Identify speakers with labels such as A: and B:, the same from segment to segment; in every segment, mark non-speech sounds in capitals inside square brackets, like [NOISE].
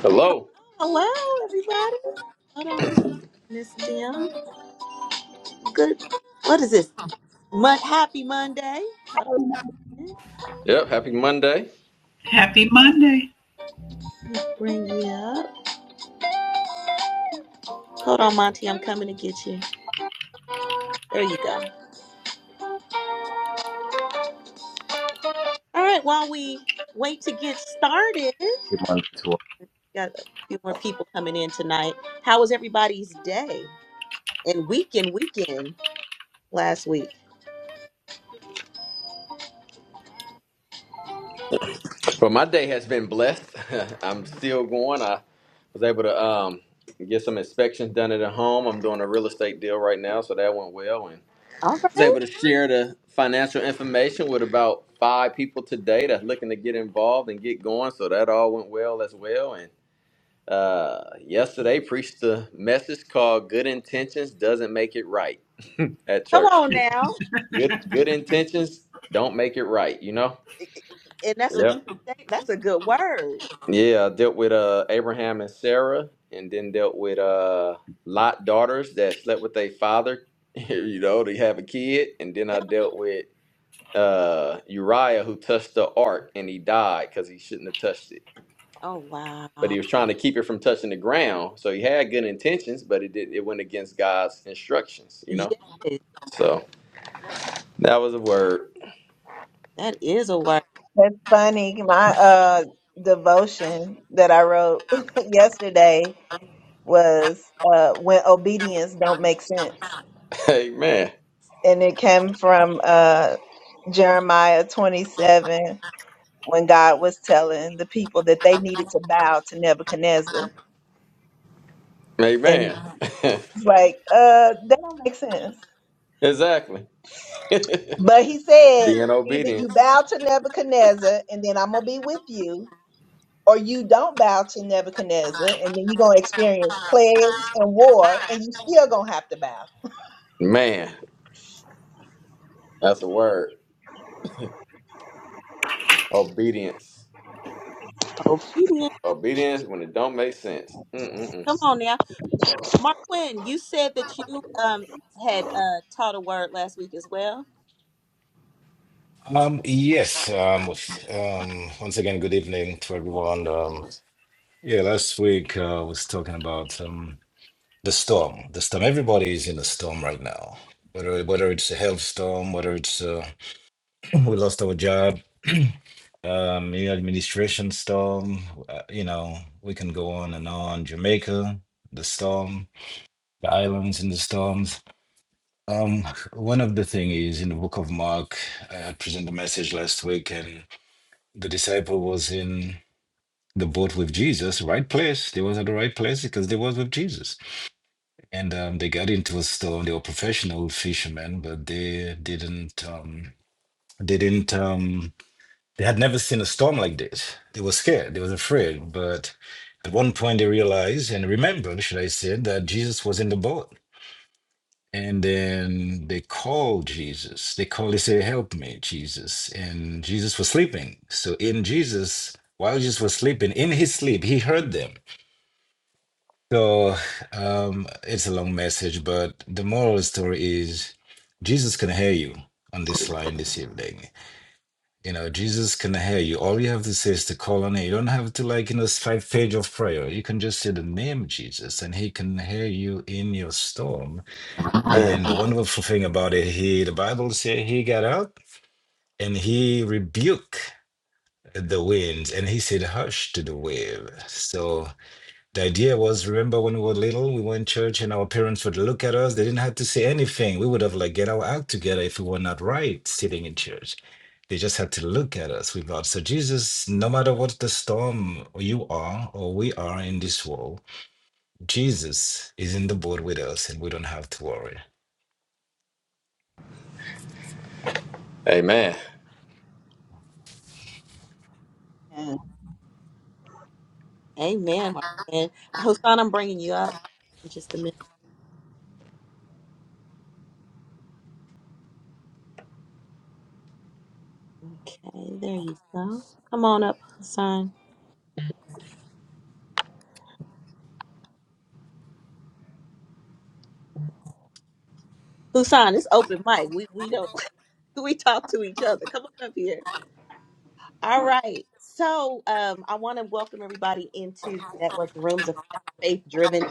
A: Hello.
B: Hello, everybody. Hold on, Miss Jim. Good. What is this? Mon- Happy Monday. Hold on. a minute.
A: Yep. Happy Monday.
C: Happy Monday.
B: Let me Bring you up. Hold on, Monty. I'm coming to get you. There you go. All right. While we wait to get started,
D: Good morning to
B: got a few more people coming in tonight. How was everybody's day and weekend? Weekend last week.
A: Well, my day has been blessed. [LAUGHS] I'm still going. I was able to um, get some inspections done at the home. I'm doing a real estate deal right now, so that went well. And
B: All
A: I was
B: right.
A: able to share the financial information with about five people today that's looking to get involved and get going. So that all went well as well. And uh, yesterday, preached the message called "Good Intentions Doesn't Make It Right" at
B: Come
A: church.
B: on now.
A: Good, good intentions don't make it right. You know.
B: And that's a
A: Yep.
B: that's a good word.
A: Yeah, I dealt with uh Abraham and Sarah, and then dealt with uh Lot daughters that slept with their father. [LAUGHS] you know, they have a kid, and then
B: Yeah.
A: I dealt with uh Uriah who touched the ark and he died because he shouldn't have touched it.
B: Oh
A: But
B: wow.
A: he was trying to keep it from touching the ground, so he had good intentions, but it did it went against God's instructions. You know,
B: Yes.
A: so that was a word.
B: That is a word.
E: That's funny. My uh devotion that I wrote [LAUGHS] yesterday was uh when obedience don't make sense.
A: [LAUGHS] Amen.
E: And it came from uh Jeremiah 27 when God was telling the people that they needed to bow to Nebuchadnezzar. And
A: Amen. [LAUGHS]
E: it's like, uh, that don't make sense.
A: exactly. [LAUGHS]
E: But he said,
A: Being
E: either you
A: obedient,
E: bow to Nebuchadnezzar and then I'm gonna be with you, or you don't bow to Nebuchadnezzar, and then you're gonna experience plagues and war, and you still gonna have to bow.
A: man. That's a word. Obedience.
B: Obedient.
A: Obedience when it don't make sense. Mm-mm-mm.
B: Come on now. Mark Quinn, you said that you um had uh taught a word last week as well.
D: Um, yes, um, um, once again, good evening to everyone. Um, yeah, last week uh, I was talking about um, the storm. The storm. Everybody is in a storm right now. Whether whether it's a health storm, whether it's uh, [CLEARS THROAT] we lost our job, [CLEARS THROAT] um, new administration storm. Uh, you know, we can go on and on. Jamaica, the storm, the islands in the storms. Um, one of the thing is in the book of Mark, I had presented a message last week and. the disciple was in the boat with Jesus, right place. They was at the right place because they was with Jesus. And um, they got into a storm. They were professional fishermen, but they didn't. Um, they didn't. Um, they had never seen a storm like this. They were scared. They was afraid. But at one point, they realized and remembered, should I say, that Jesus was in the boat And then they call Jesus. They call, they say, Help me, Jesus. And Jesus was sleeping. So, in Jesus, while Jesus was sleeping, in his sleep, he heard them. So, um, it's a long message, but the moral of the story is Jesus can hear you on this line this evening. You know, Jesus can hear you. All you have to say is to call on him. You don't have to, like, you know, five page of prayer. You can just say the name Jesus, and he can hear you in your storm and the
A: Amen.
D: wonderful thing about it, he the Bible said he got up and he rebuked the winds and he said, Hush to the wave. So the idea was remember when we were little, we went to church and our parents would look at us, they didn't have to say anything. We would have like get our act together if we were not right sitting in church. They just had to look at us with God. So Jesus, no matter what the storm you are or we are in this world, Jesus is in the boat with us and we don't have to worry.
E: Mm.
B: Amen, Mark Quinn. Hassan, I'm bringing you up in just a minute. Okay, there you go. Come on up, Hassan. Hassan, it's open mic. We we don't [LAUGHS] we talk to each other. Come on up here. All right. So um I want to welcome everybody into the network rooms of faith driven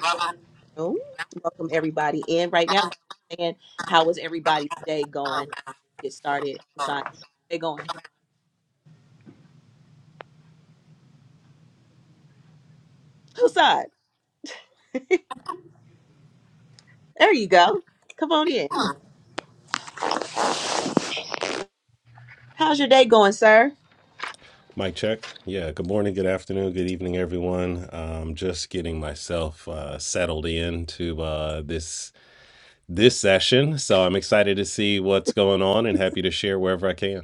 B: room. Welcome everybody in. Right now, we're saying how is everybody's day going? Get started. Hassan, day going? Hassan, [LAUGHS] there you go. Come on in. How's your day going, sir?
F: Mic check. Yeah, good morning, good afternoon, good evening, everyone. Um, just getting myself uh, settled into uh, this this session, so I'm excited to see what's going on and happy to share wherever I can.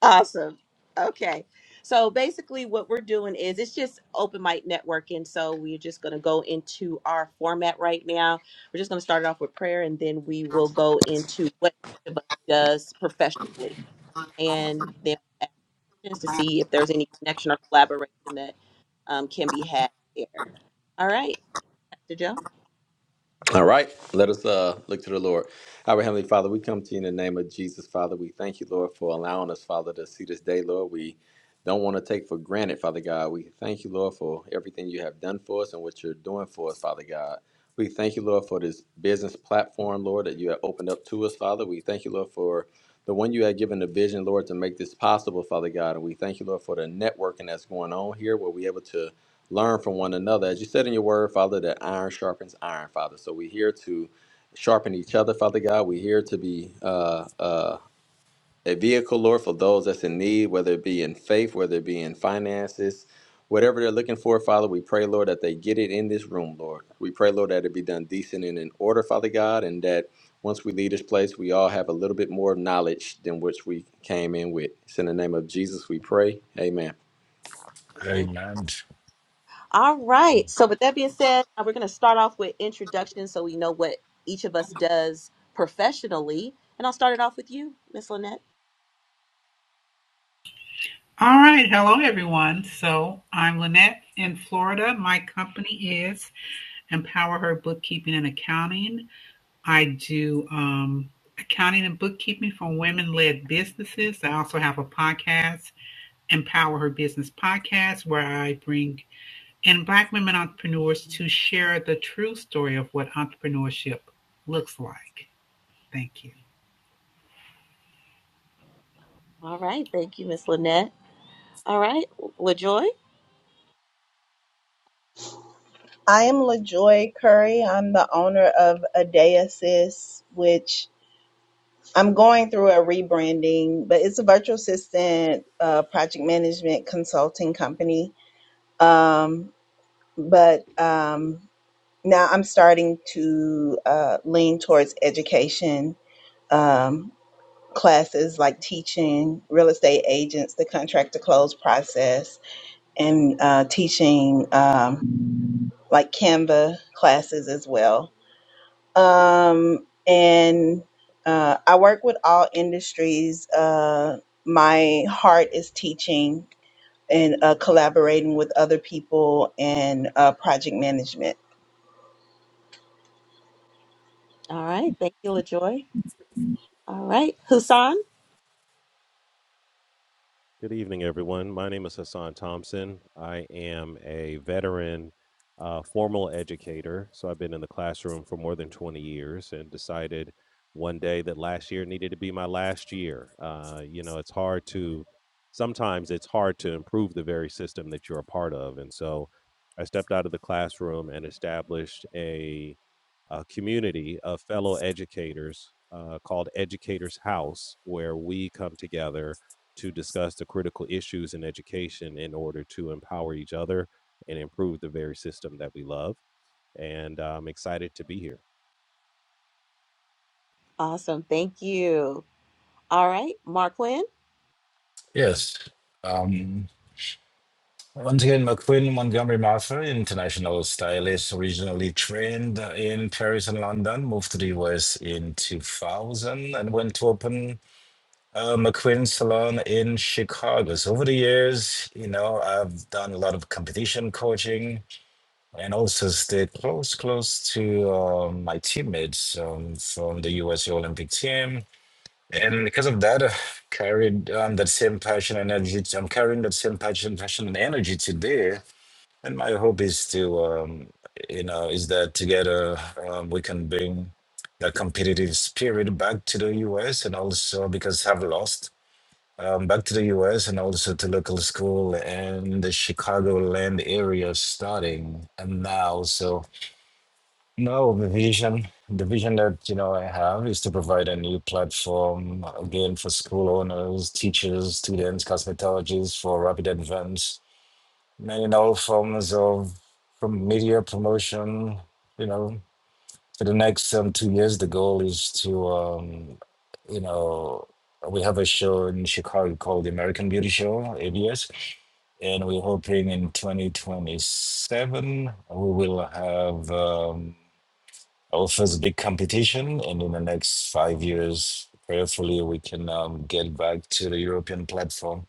B: Awesome. Okay. So basically, what we're doing is it's just open mic networking. So we're just going to go into our format right now. We're just going to start it off with prayer, and then we will go into what each of us does professionally, and then to see if there's any connection or collaboration that um, can be had there. All right, Dr. Joe.
A: All right, let us uh, look to the Lord. Our Heavenly Father, we come to you in the name of Jesus, Father. We thank you, Lord, for allowing us, Father, to see this day, Lord. We don't want to take for granted, Father God. We thank you, Lord, for everything you have done for us and what you're doing for us, Father God. We thank you, Lord, for this business platform, Lord, that you have opened up to us, Father. We thank you, Lord, for the one you have given the vision, Lord, to make this possible, Father God. And we thank you, Lord, for the networking that's going on here where we're able to learn from one another. As you said in your word, Father, that iron sharpens iron, Father. So we're here to sharpen each other, Father God. We're here to be uh, uh, a vehicle, Lord, for those that's in need, whether it be in faith, whether it be in finances. Whatever they're looking for, Father, we pray, Lord, that they get it in this room, Lord. We pray, Lord, that it be done decent and in order, Father God, and that once we leave this place, we all have a little bit more knowledge than which we came in with. It's in the name of Jesus we pray. Amen.
B: Thank-
D: Amen.
B: All right. So, with that being said, uh, we're going to start off with introductions so we know what each of us does professionally. And I'll start it off with you, Miss Lynette.
C: All right. Hello, everyone. So I'm Lynette in Florida. My company is Empower Her Bookkeeping and Accounting. I do um, accounting and bookkeeping for women led businesses. I also have a podcast, Empower Her Business Podcast, where I bring in Black women entrepreneurs to share the true story of what entrepreneurship looks like. Thank you.
B: All right. Thank you, Miss Lynette. All right. LaJoy.
E: I am LaJoy Curry. I'm the owner of Adea Assist, which I'm going through a rebranding, but it's a virtual assistant uh, project management consulting company. Um, but um, now I'm starting to uh, lean towards education um, classes like teaching real estate agents the contract to close process and uh, teaching um, like Canva classes as well. Um, and uh, I work with all industries. Uh, my heart is teaching and uh, collaborating with other people and uh, project management.
B: All right. Thank you, LaJoy. All right. Husan.
F: Good evening, everyone. My name is Hassan Thompson. I am a veteran uh, formal educator. So I've been in the classroom for more than 20 years and decided one day that last year needed to be my last year. Uh, you know, it's hard to, sometimes it's hard to improve the very system that you're a part of. And so I stepped out of the classroom and established a a community of fellow educators uh, called Educators House, where we come together to discuss the critical issues in education in order to empower each other and improve the very system that we love. And uh, I'm excited to be here.
B: Awesome. Thank you. All right. Marquin.
D: Yes. Um, once again, McQueen Montgomery Martha, international stylist, originally trained in Paris and London, moved to the US in 2000 and went to open uh, McQueen Salon in Chicago. So over the years, you know, I've done a lot of competition coaching and also stayed close, close to um my teammates um, from the U.S. Olympic team and because of that, I've carried um, that same passion and energy. I'm carrying that same passion, passion and energy today. And my hope is to, um, you know, is that together um, we can bring that competitive spirit back to the US and also because I've lost um, back to the US and also to local school and the Chicagoland area starting and now. So no, the vision, the vision that you know I have is to provide a new platform again for school owners, teachers, students, cosmetologists for rapid advance, and in all forms of from media promotion. You know, for the next um, two years, the goal is to um, you know we have a show in Chicago called the American Beauty Show (ABS), and we're hoping in 2027 we will have. Um, I'll big competition, and in the next five years, prayerfully, we can um, get back to the European platform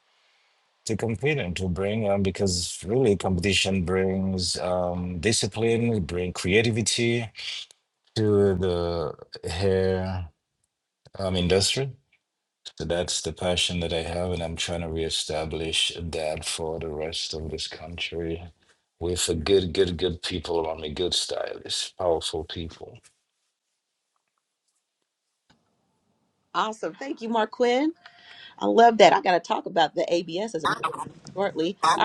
D: to compete and to bring, um, because really competition brings um, discipline, bring creativity to the hair um, industry. So that's the passion that I have, and I'm trying to reestablish that for the rest of this country with a good, good, good people around me, good stylists, powerful people.
B: Awesome. Thank you, Marquin. I love that. I got to talk about the ABS as a shortly. All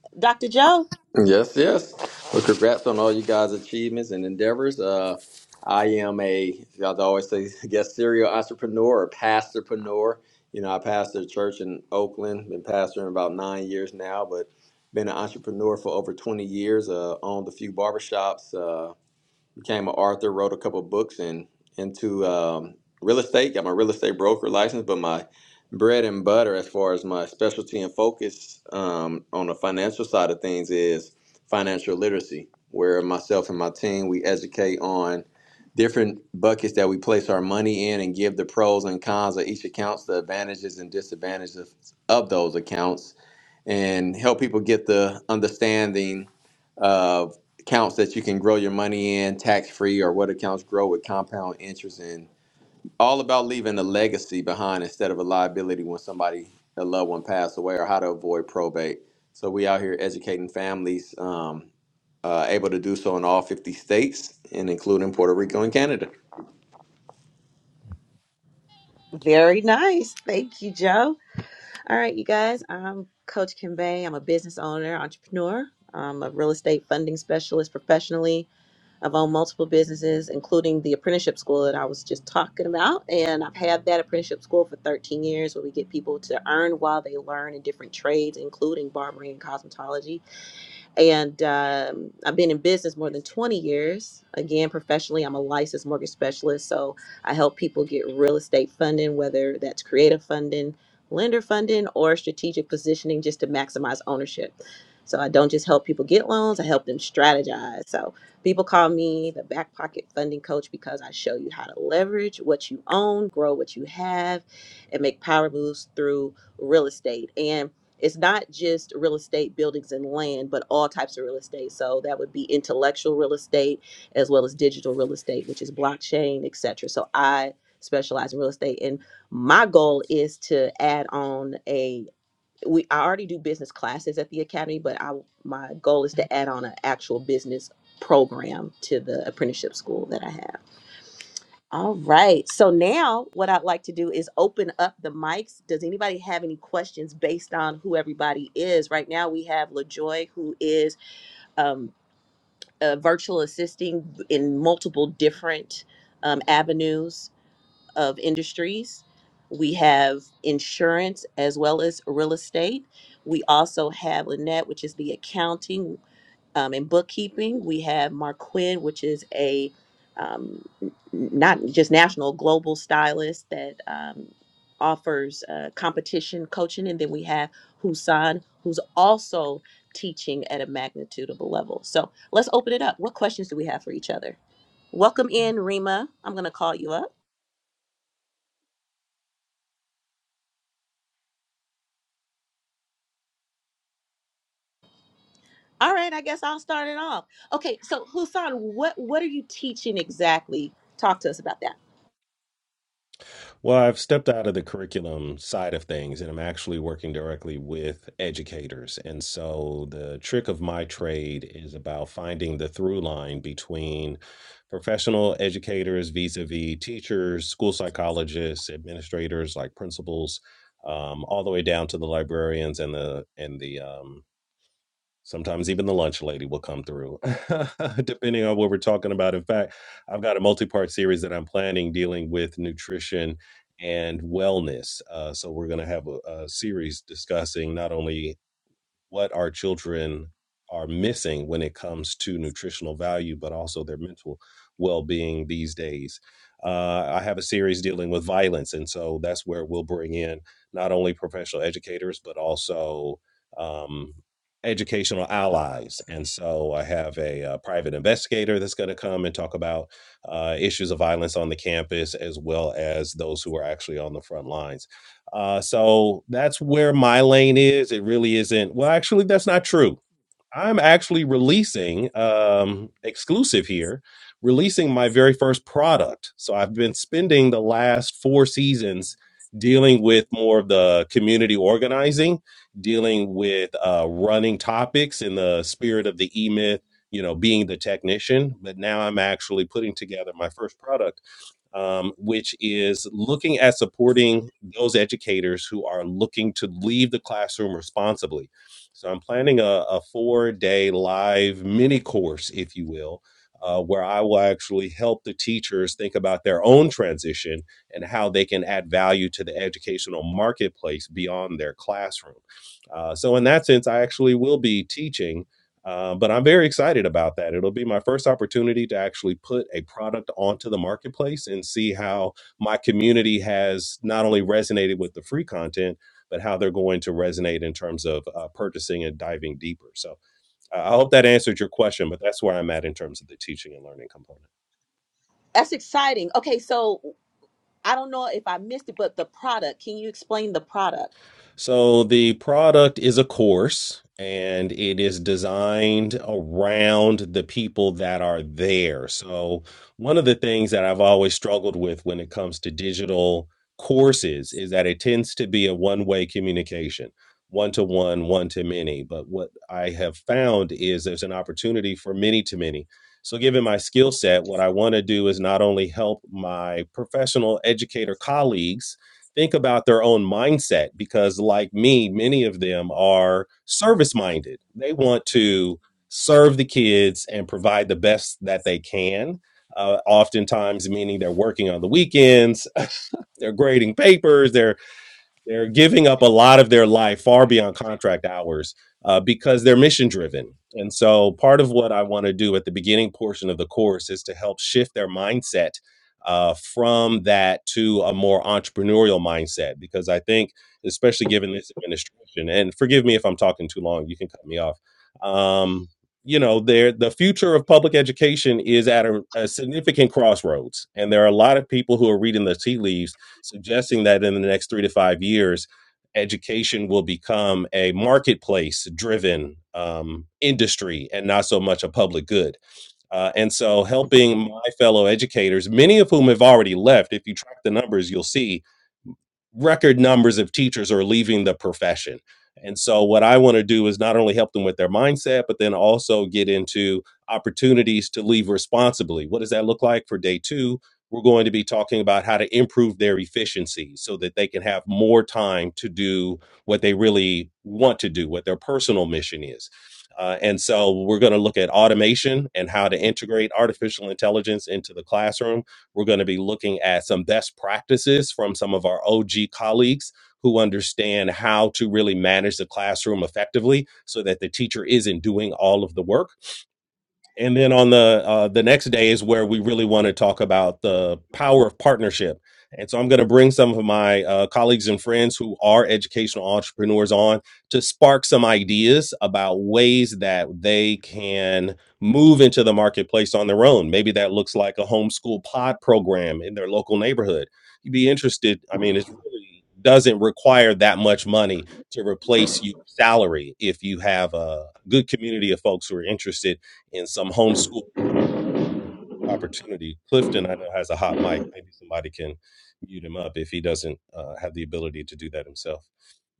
B: right, Dr. Joe,
A: Yes, yes. Well, congrats on all you guys' achievements and endeavors. Uh, I am a, as I always say, [LAUGHS] I guess serial entrepreneur or pastorpreneur. You know, I pastor a church in Oakland, been pastoring about nine years now, but been an entrepreneur for over 20 years, uh, owned a few barbershops, uh, became an author, wrote a couple of books, and into um, real estate. Got my real estate broker license, but my bread and butter, as far as my specialty and focus um, on the financial side of things, is financial literacy, where myself and my team we educate on different buckets that we place our money in and give the pros and cons of each accounts, the advantages and disadvantages of, of those accounts and help people get the understanding of accounts that you can grow your money in tax free or what accounts grow with compound interest in. All about leaving a legacy behind instead of a liability when somebody, a loved one passed away or how to avoid probate. So we out here educating families, um, uh, able to do so in all 50 states and including Puerto Rico and Canada.
B: very nice. Thank you, Joe. All right, you guys, I'm Coach Kim Bay. I'm a business owner, entrepreneur. I'm a real estate funding specialist professionally. I've owned multiple businesses, including the apprenticeship school that I was just talking about. And I've had that apprenticeship school for 13 years where we get people to earn while they learn in different trades, including barbering and cosmetology. And um, I've been in business more than 20 years. Again, professionally, I'm a licensed mortgage specialist. So I help people get real estate funding, whether that's creative funding, lender funding, or strategic positioning just to maximize ownership. So I don't just help people get loans, I help them strategize. So people call me the back pocket funding coach because I show you how to leverage what you own, grow what you have, and make power moves through real estate. And it's not just real estate buildings and land but all types of real estate so that would be intellectual real estate as well as digital real estate which is blockchain etc so i specialize in real estate and my goal is to add on a we i already do business classes at the academy but i my goal is to add on an actual business program to the apprenticeship school that i have all right. So now what I'd like to do is open up the mics. Does anybody have any questions based on who everybody is? Right now we have LaJoy, who is um, a virtual assisting in multiple different um, avenues of industries. We have insurance as well as real estate. We also have Lynette, which is the accounting. Um, in bookkeeping, we have Marquin, which is a um, n- not just national, global stylist that um, offers uh, competition coaching. And then we have Husan, who's also teaching at a magnitude level. So let's open it up. What questions do we have for each other? Welcome in, Rima. I'm going to call you up. All right, I guess I'll start it off. Okay, so Husan, what what are you teaching exactly? Talk to us about that.
F: Well, I've stepped out of the curriculum side of things and I'm actually working directly with educators. And so the trick of my trade is about finding the through line between professional educators vis-a-vis teachers, school psychologists, administrators like principals, um, all the way down to the librarians and the and the um, Sometimes even the lunch lady will come through, [LAUGHS] depending on what we're talking about. In fact, I've got a multi part series that I'm planning dealing with nutrition and wellness. Uh, so, we're going to have a, a series discussing not only what our children are missing when it comes to nutritional value, but also their mental well being these days. Uh, I have a series dealing with violence, and so that's where we'll bring in not only professional educators, but also um, educational allies. And so I have a, uh private investigator that's going to come and talk about uh, issues of violence on the campus, as well as those who are actually on the front lines uh, so that's where my lane is. It really isn't. Well, actually, that's not true. I'm actually releasing um, exclusive here, releasing my very first product. So I've been spending the last four seasons dealing with more of the community organizing, dealing with uh, running topics in the spirit of the E Myth, you know, being the technician. But now I'm actually putting together my first product um, which is looking at supporting those educators who are looking to leave the classroom responsibly. So I'm planning a, a four day live mini course, if you will. Uh, where I will actually help the teachers think about their own transition and how they can add value to the educational marketplace beyond their classroom. Uh, so, in that sense, I actually will be teaching uh, but I'm very excited about that. It'll be my first opportunity to actually put a product onto the marketplace and see how my community has not only resonated with the free content, but how they're going to resonate in terms of uh, purchasing and diving deeper. So uh, I hope that answered your question, but that's where I'm at in terms of the teaching and learning component.
B: That's exciting. Okay, so I don't know if I missed it, but the product, can you explain the product?
F: So the product is a course and it is designed around the people that are there. So one of the things that I've always struggled with when it comes to digital courses is that it tends to be a one-way communication. One to one, one to many. But what I have found is there's an opportunity for many to many. So, given my skill set, what I want to do is not only help my professional educator colleagues think about their own mindset because like me many of them are service minded they want to serve the kids and provide the best that they can uh, oftentimes meaning they're working on the weekends [LAUGHS] they're grading papers they're. They're giving up a lot of their life far beyond contract hours uh, because they're mission driven. And so, part of what I want to do at the beginning portion of the course is to help shift their mindset uh, from that to a more entrepreneurial mindset. Because I think, especially given this administration, and forgive me if I'm talking too long, you can cut me off. Um, you know, there the future of public education is at a, a significant crossroads, and there are a lot of people who are reading the tea leaves suggesting that in the next three to five years, education will become a marketplace driven um, industry and not so much a public good. Uh, and so, helping my fellow educators, many of whom have already left, if you track the numbers, you'll see record numbers of teachers are leaving the profession. And so, what I want to do is not only help them with their mindset, but then also get into opportunities to leave responsibly. What does that look like for day two? We're going to be talking about how to improve their efficiency so that they can have more time to do what they really want to do, what their personal mission is. Uh, and so, we're going to look at automation and how to integrate artificial intelligence into the classroom we're going to be looking at some best practices from some of our OG colleagues who understand how to really manage the classroom effectively so that the teacher isn't doing all of the work and then on the uh, the next day is where we really want to talk about the power of partnership and so i'm going to bring some of my uh, colleagues and friends who are educational entrepreneurs on to spark some ideas about ways that they can move into the marketplace on their own maybe that looks like a homeschool pod program in their local neighborhood you'd be interested i mean it really doesn't require that much money to replace your salary if you have a good community of folks who are interested in some homeschool opportunity. Clifton, I know, has a hot mic. Maybe somebody can mute him up if he doesn't uh, have the ability to do that himself.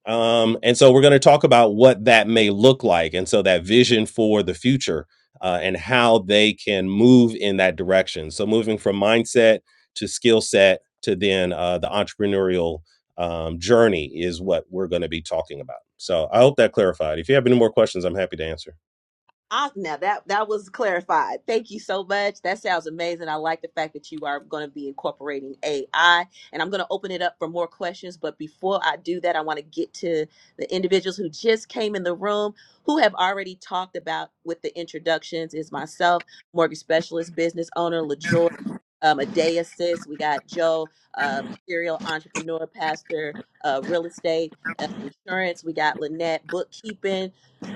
F: Um, and so we're going to talk about what that may look like. And so that vision for the future uh, and how they can move in that direction. So moving from mindset to skill set to then uh, the entrepreneurial um, journey is what we're going to be talking about. So I hope that clarified. If you have any more questions, I'm happy to answer.
B: Ah, now that that was clarified. Thank you so much. That sounds amazing. I like the fact that you are going to be incorporating AI, and I'm going to open it up for more questions. But before I do that, I want to get to the individuals who just came in the room, who have already talked about with the introductions. Is myself, mortgage specialist, business owner, LaJoy, um, a day assist. We got Joe, um, serial entrepreneur, pastor, uh, real estate, uh, insurance. We got Lynette, bookkeeping.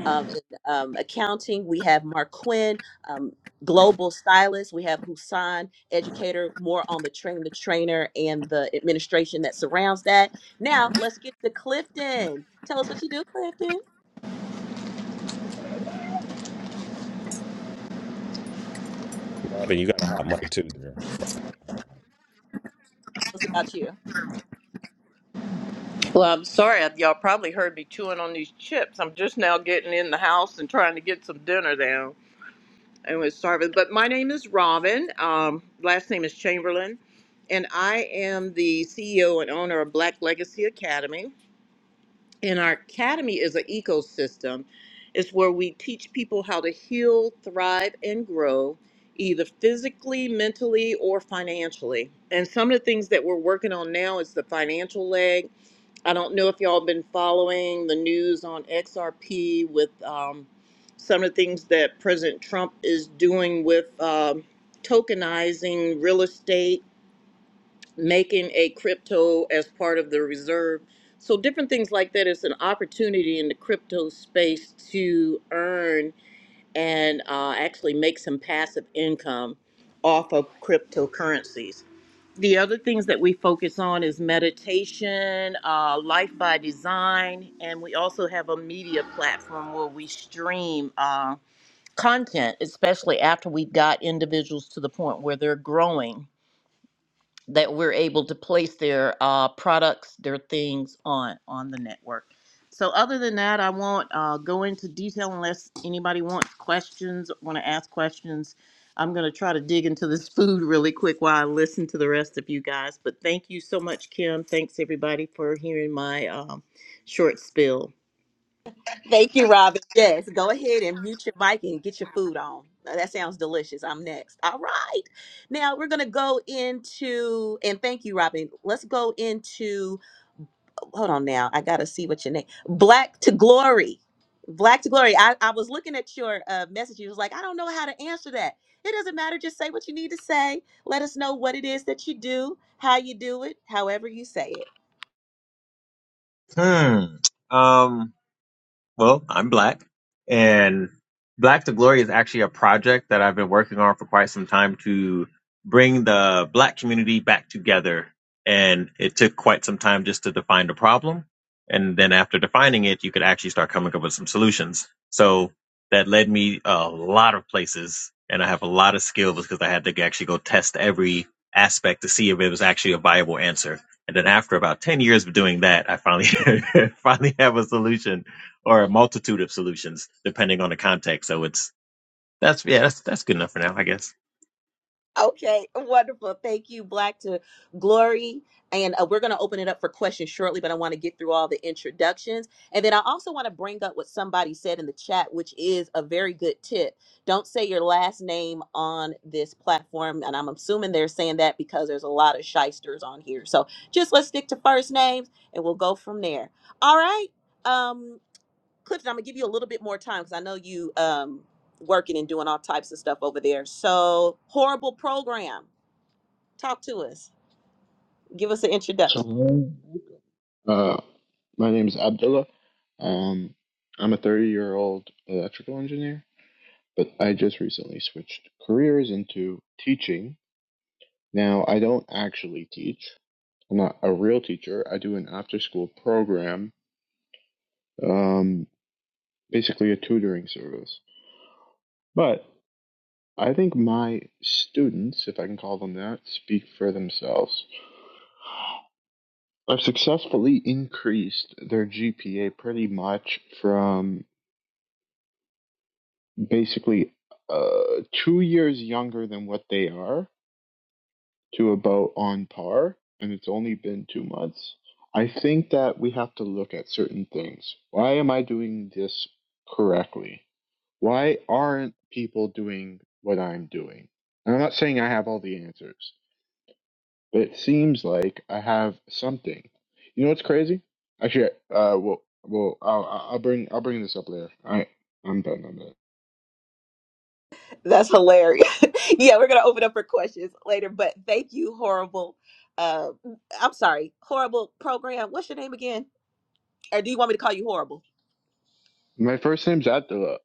B: Um, um, accounting. We have Mark Quinn, um, global stylist. We have Hussein, educator, more on the train the trainer and the administration that surrounds that. Now let's get to Clifton. Tell us what you do, Clifton.
F: Robin, you got a hot mic too there.
B: Tell us about you.
G: Well, I'm sorry. uh, Y'all probably heard me chewing on these chips. I'm just now getting in the house and trying to get some dinner down. and was starving. But my name is Robin. Um, last name is Chamberlain. And I am the CEO and owner of Black Legacy Academy. And our academy is an ecosystem, it's where we teach people how to heal, thrive, and grow. Either physically, mentally, or financially. And some of the things that we're working on now is the financial leg I don't know if y'all been following the news on XRP with um, some of the things that President Trump is doing with um, tokenizing real estate, making a crypto as part of the reserve. So, different things like that. It's an opportunity in the crypto space to earn and uh, actually make some passive income off of cryptocurrencies the other things that we focus on is meditation, uh, life by design, and we also have a media platform where we stream uh, content, especially after we've got individuals to the point where they're growing that we're able to place their uh, products, their things on on the network. So other than that, I won't uh, go into detail unless anybody wants questions, want to ask questions. I'm going to try to dig into this [LAUGHS] food really quick while I listen to the rest of you guys. But thank you so much, Kim. Thanks everybody for hearing my um, short spill.
B: Thank you, Robin. Yes, go ahead and mute your mic and get your food on. Now, That sounds delicious. I'm next. All right. Now we're going to go into, and thank you, Robin. Let's go into hold on now. I gotta see what your name. Black to Glory. Black to Glory. I, I was looking at your uh, message. You was like, I don't know how to answer that. It doesn't matter. Just say what you need to say. Let us know what it is that you do, how you do it, however you say it.
H: Hmm. Um. Well, I'm Black, and Black to Glory is actually a project that I've been working on for quite some time to bring the Black community back together. And it took quite some time just to define the problem. And then after defining it, you could actually start coming up with some solutions. So that led me a lot of places, and I have a lot of skills because I had to actually go test every aspect to see if it was actually a viable answer. And then after about 10 years of doing that, I finally [LAUGHS] finally have a solution or a multitude of solutions depending on the context. So it's that's yeah, that's that's good enough for now, I guess.
B: Okay, wonderful. Thank you, Black to Glory. And uh, we're going to open it up for questions shortly, but I want to get through all the introductions. And then I also want to bring up what somebody said in the chat, which is a very good tip. Don't say your last name on this platform. And I'm assuming they're saying that because there's a lot of shysters on here. So just let's stick to first names and we'll go from there. All right. Um, Clifton, I'm gonna give you a little bit more time because I know you um working and doing all types of stuff over there. So horrible program. Talk to us. Give us an introduction.
I: So, uh, my name is Abdullah. Um, I'm a 30 year old electrical engineer, but I just recently switched careers into teaching. Now, I don't actually teach, I'm not a real teacher. I do an after school program, um, basically a tutoring service. But I think my students, if I can call them that, speak for themselves. I've successfully increased their GPA pretty much from basically uh, two years younger than what they are to about on par, and it's only been two months. I think that we have to look at certain things. Why am I doing this correctly? Why aren't people doing what I'm doing? And I'm not saying I have all the answers, but it seems like I have something. You know what's crazy? Actually, uh, well, well, I'll, I'll bring I'll bring this up later. I I'm done. I'm done.
B: That's hilarious. [LAUGHS] yeah, we're gonna open up for questions later, but thank you, horrible. Uh, I'm sorry, horrible program. What's your name again? Or do you want me to call you horrible?
I: My first name's Attila.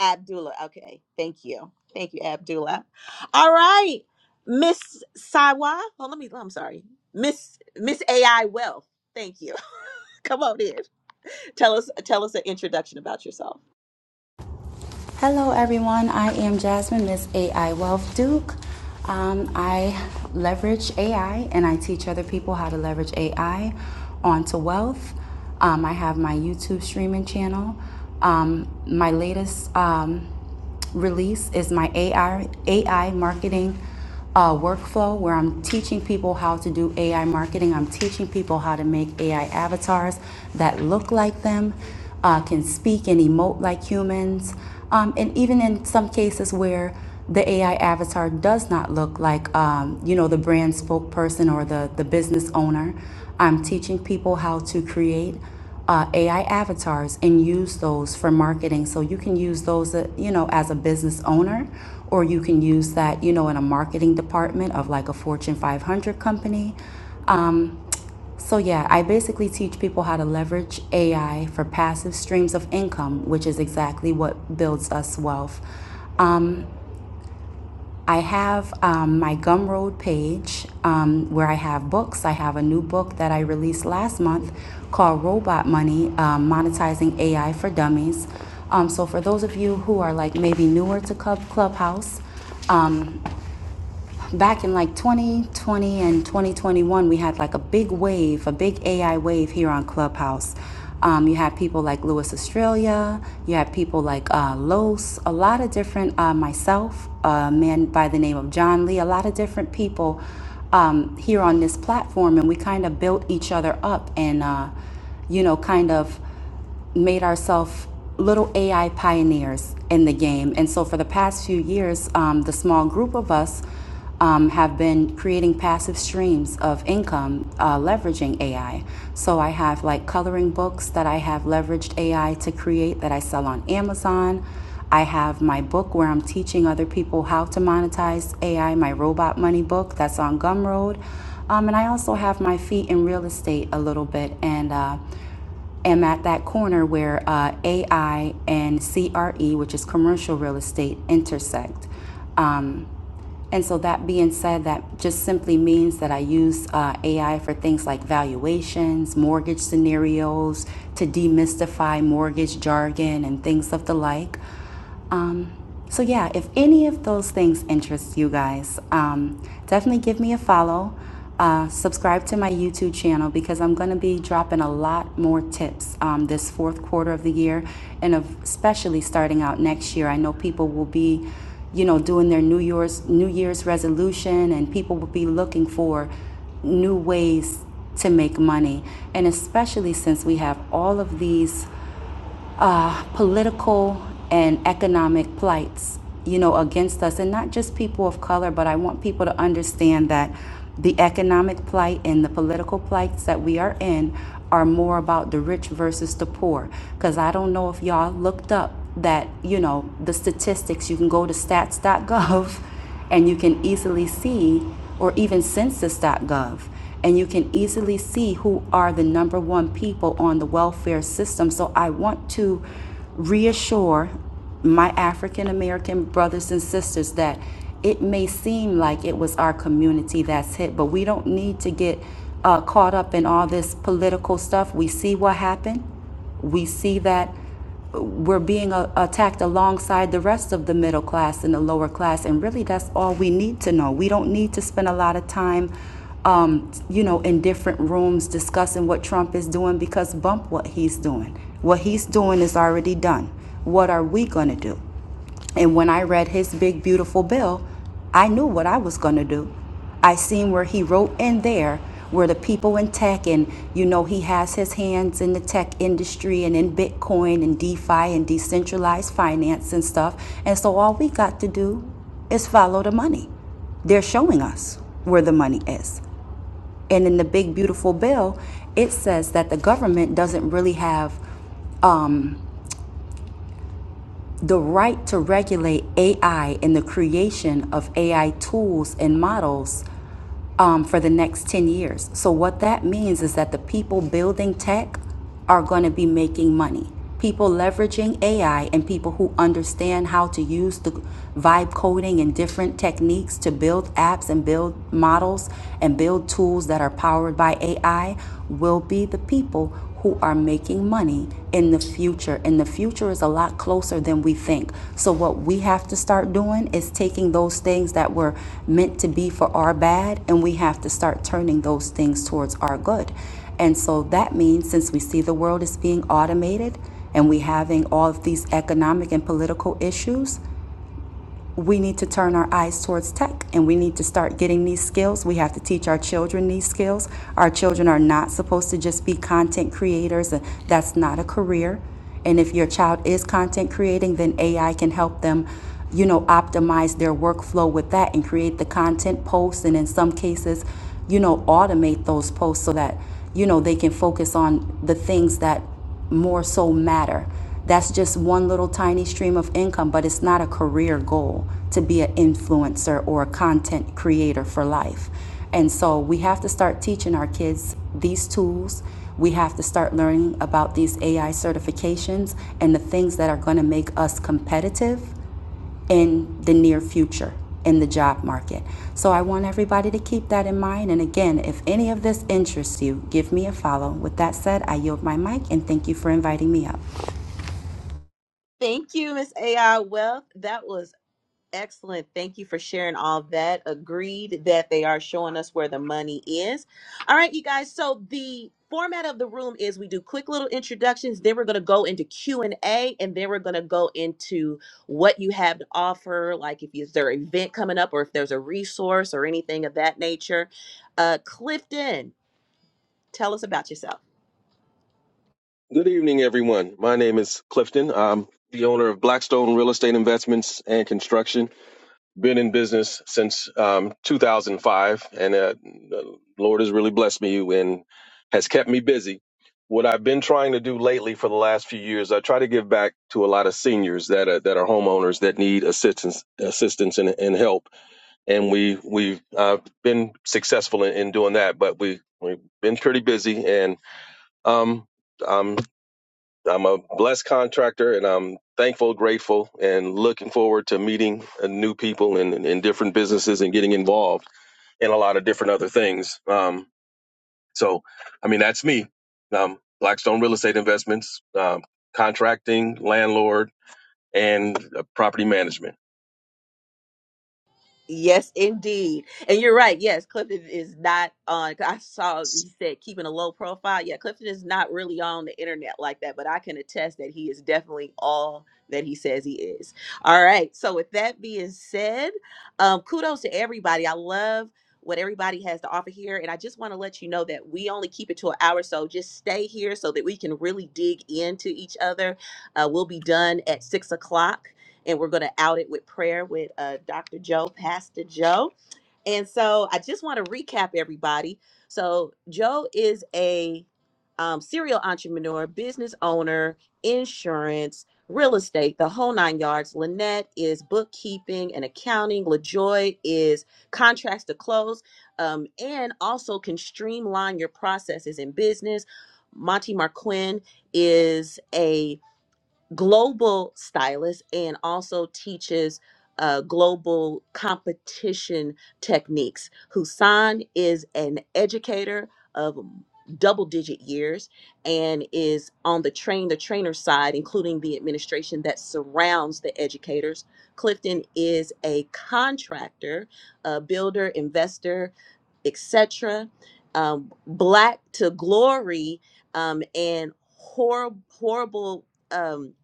B: Abdullah. Okay, thank you, thank you, Abdullah. All right, Miss Sawa. Oh, let me. I'm sorry, Miss Miss AI Wealth. Thank you. [LAUGHS] Come on in. Tell us tell us an introduction about yourself.
J: Hello, everyone. I am Jasmine, Miss AI Wealth Duke. Um, I leverage AI and I teach other people how to leverage AI onto wealth. Um, I have my YouTube streaming channel. Um, my latest um, release is my AI AI marketing uh, workflow where I'm teaching people how to do AI marketing. I'm teaching people how to make AI avatars that look like them, uh, can speak and emote like humans, um, and even in some cases where the AI avatar does not look like um, you know the brand spokesperson or the the business owner. I'm teaching people how to create uh, AI avatars and use those for marketing. So you can use those, uh, you know, as a business owner, or you can use that, you know, in a marketing department of like a Fortune 500 company. Um, so yeah, I basically teach people how to leverage AI for passive streams of income, which is exactly what builds us wealth. I have um, my Gumroad page um, where I have books. I have a new book that I released last month called Robot Money um, Monetizing AI for Dummies. Um, so, for those of you who are like maybe newer to Club Clubhouse, um, back in like 2020 and 2021, we had like a big wave, a big AI wave here on Clubhouse. Um, you had people like Lewis Australia, you had people like uh, Los, a lot of different, uh, myself, a man by the name of John Lee, a lot of different people um, here on this platform. And we kind of built each other up and, uh, you know, kind of made ourselves little AI pioneers in the game. And so, for the past few years, um, the small group of us um, have been creating passive streams of income uh, leveraging AI. So, I have like coloring books that I have leveraged AI to create that I sell on Amazon. I have my book where I'm teaching other people how to monetize AI, my robot money book that's on Gumroad. Um, and I also have my feet in real estate a little bit. And uh, am at that corner where uh, AI and CRE, which is commercial real estate, intersect. Um, and so that being said, that just simply means that I use uh, AI for things like valuations, mortgage scenarios, to demystify mortgage jargon and things of the like. Um, so, yeah, if any of those things interest you guys, um, definitely give me a follow. Uh, subscribe to my YouTube channel because I'm going to be dropping a lot more tips um, this fourth quarter of the year and of especially starting out next year. I know people will be, you know, doing their New Year's, New Year's resolution and people will be looking for new ways to make money. And especially since we have all of these uh, political and economic plights, you know, against us, and not just people of color, but I want people to understand that the economic plight and the political plights that we are in are more about the rich versus the poor. Because I don't know if y'all looked up that, you know, the statistics, you can go to stats.gov [LAUGHS] and you can easily see, or even census.gov, and you can easily see who are the number one people on the welfare system. So I want to reassure my African American brothers and sisters that it may seem like it was our community that's hit, but we don't need to get uh, caught up in all this political stuff. We see what happened. We see that we're being a- attacked alongside the rest of the middle class and the lower class. And really, that's all we need to know. We don't need to spend a lot of time, um, you know, in different rooms discussing what Trump is doing because bump what he's doing. What he's doing is already done. What are we going to do? And when I read his big, beautiful bill, I knew what I was going to do. I seen where he wrote in there where the people in tech, and you know, he has his hands in the tech industry and in Bitcoin and DeFi and decentralized finance and stuff. And so all we got to do is follow the money. They're showing us where the money is. And in the big, beautiful bill, it says that the government doesn't really have um, the right to regulate AI and the creation of AI tools and models um, for the next 10 years. So, what that means is that the people building tech are going to be making money. People leveraging AI and people who understand how to use the vibe coding and different techniques to build apps and build models and build tools that are powered by AI will be the people who are making money in the future. And the future is a lot closer than we think. So, what we have to start doing is taking those things that were meant to be for our bad, and we have to start turning those things towards our good. And so, that means since we see the world is being automated and we having all of these economic and political issues, we need to turn our eyes towards tech and we need to start getting these skills. We have to teach our children these skills. Our children are not supposed to just be content creators, Uh, that's not a career. And if your child is content creating, then AI can help them, you know, optimize their workflow with that and create the content posts and in some cases, you know, automate those posts so that, you know, they can focus on the things that more so matter. That's just one little tiny stream of income, but it's not a career goal to be an influencer or a content creator for life. And so we have to start teaching our kids these tools. We have to start learning about these AI certifications and the things that are going to make us competitive in the near future in the job market. So I want everybody to keep that in mind. And again, if any of this interests you, give me a follow. With that said, I yield my mic and thank you for inviting me up.
B: Thank you, Miss AI Wealth. That was Excellent. Thank you for sharing all that. Agreed that they are showing us where the money is. All right, you guys. So the format of the room is we do quick little introductions, then we're going to go into Q&A and A, and then we're going to go into what you have to offer, like if is there an event coming up or if there's a resource or anything of that nature. Uh Clifton, Tell us about yourself.
K: Good evening, everyone. My name is Clifton. I'm the owner of Blackstone Real Estate Investments and Construction. Been in business since um, 2005, and uh, the Lord has really blessed me and has kept me busy. What I've been trying to do lately for the last few years, I try to give back to a lot of seniors that are, that are homeowners that need assistance, assistance and, and help. And we we've uh, been successful in, in doing that, but we we've been pretty busy. And um, I'm I'm a blessed contractor and I'm thankful, grateful, and looking forward to meeting uh, new people and in, in different businesses and getting involved in a lot of different other things. Um, so, I mean, that's me. Um, Blackstone Real Estate Investments, um, contracting, landlord, and uh, property management.
B: Yes, indeed. And you're right. Yes, Clifton is not on. 'cause I saw he said keeping a low profile. Yeah, Clifton is not really on the internet like that, but I can attest that he is definitely all that he says he is. All right. So, with that being said, um, kudos to everybody. I love what everybody has to offer here. And I just want to let you know that we only keep it to an hour. So, just stay here so that we can really dig into each other. Uh, we'll be done at six o'clock and we're going to out it with prayer with uh, Dr. Joe, Pastor Joe. And so I just want to recap everybody. So Joe is a um, serial entrepreneur, business owner, insurance, real estate, the whole nine yards. Lynette is bookkeeping and accounting. LaJoy is contracts to close um, and also can streamline your processes in business. Monty Marquin is a global stylist and also teaches uh, global competition techniques. Husan is an educator of double digit years and is on the train the trainer side including the administration that surrounds the educators clifton is a contractor a builder investor etc um, black to glory um, and horrible horrible um,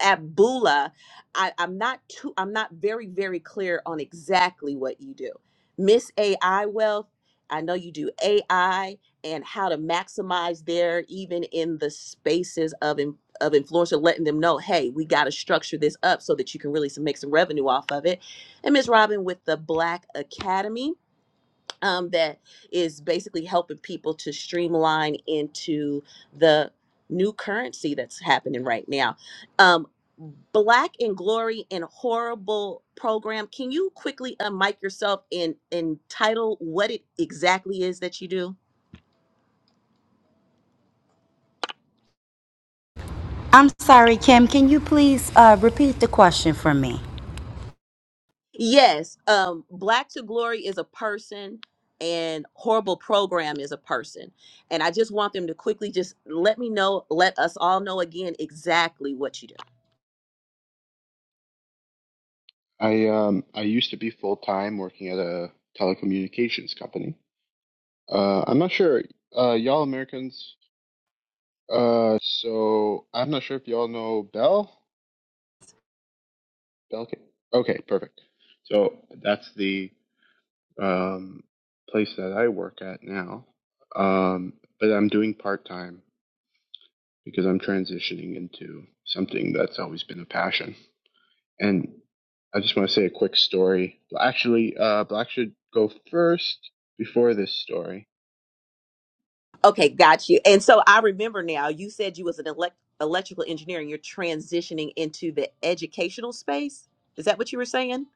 B: at Bula, I, I'm not too I'm not very, very clear on exactly what you do. Miss AI Wealth, I know you do AI and how to maximize there even in the spaces of in, of influencer, letting them know, hey, we got to structure this up so that you can really some, make some revenue off of it. And Miss Robin with the Black Academy um, that is basically helping people to streamline into the new currency that's happening right now. Um, Black in Glory and Horrible program. Can you quickly unmic yourself and, and title what it exactly is that you do?
J: I'm sorry, Kim. Can you please uh, repeat the question for me?
B: Yes, um, Black to Glory is a person, and Horrible Program is a person. And I just want them to quickly just let me know, let us all know again exactly what you do.
I: I um I used to be full time working at a telecommunications company. Uh, I'm not sure, uh, y'all Americans. Uh, so I'm not sure if y'all know Bell. Bell. Ca- Okay, perfect. So that's the um place that I work at now. Um, but I'm doing part time because I'm transitioning into something that's always been a passion. And I just want to say a quick story. Actually, uh, Black should go first before this story.
B: Okay, got you. And so I remember now. You said you was an elect- electrical engineer, and you're transitioning into the educational space. Is that what you were saying?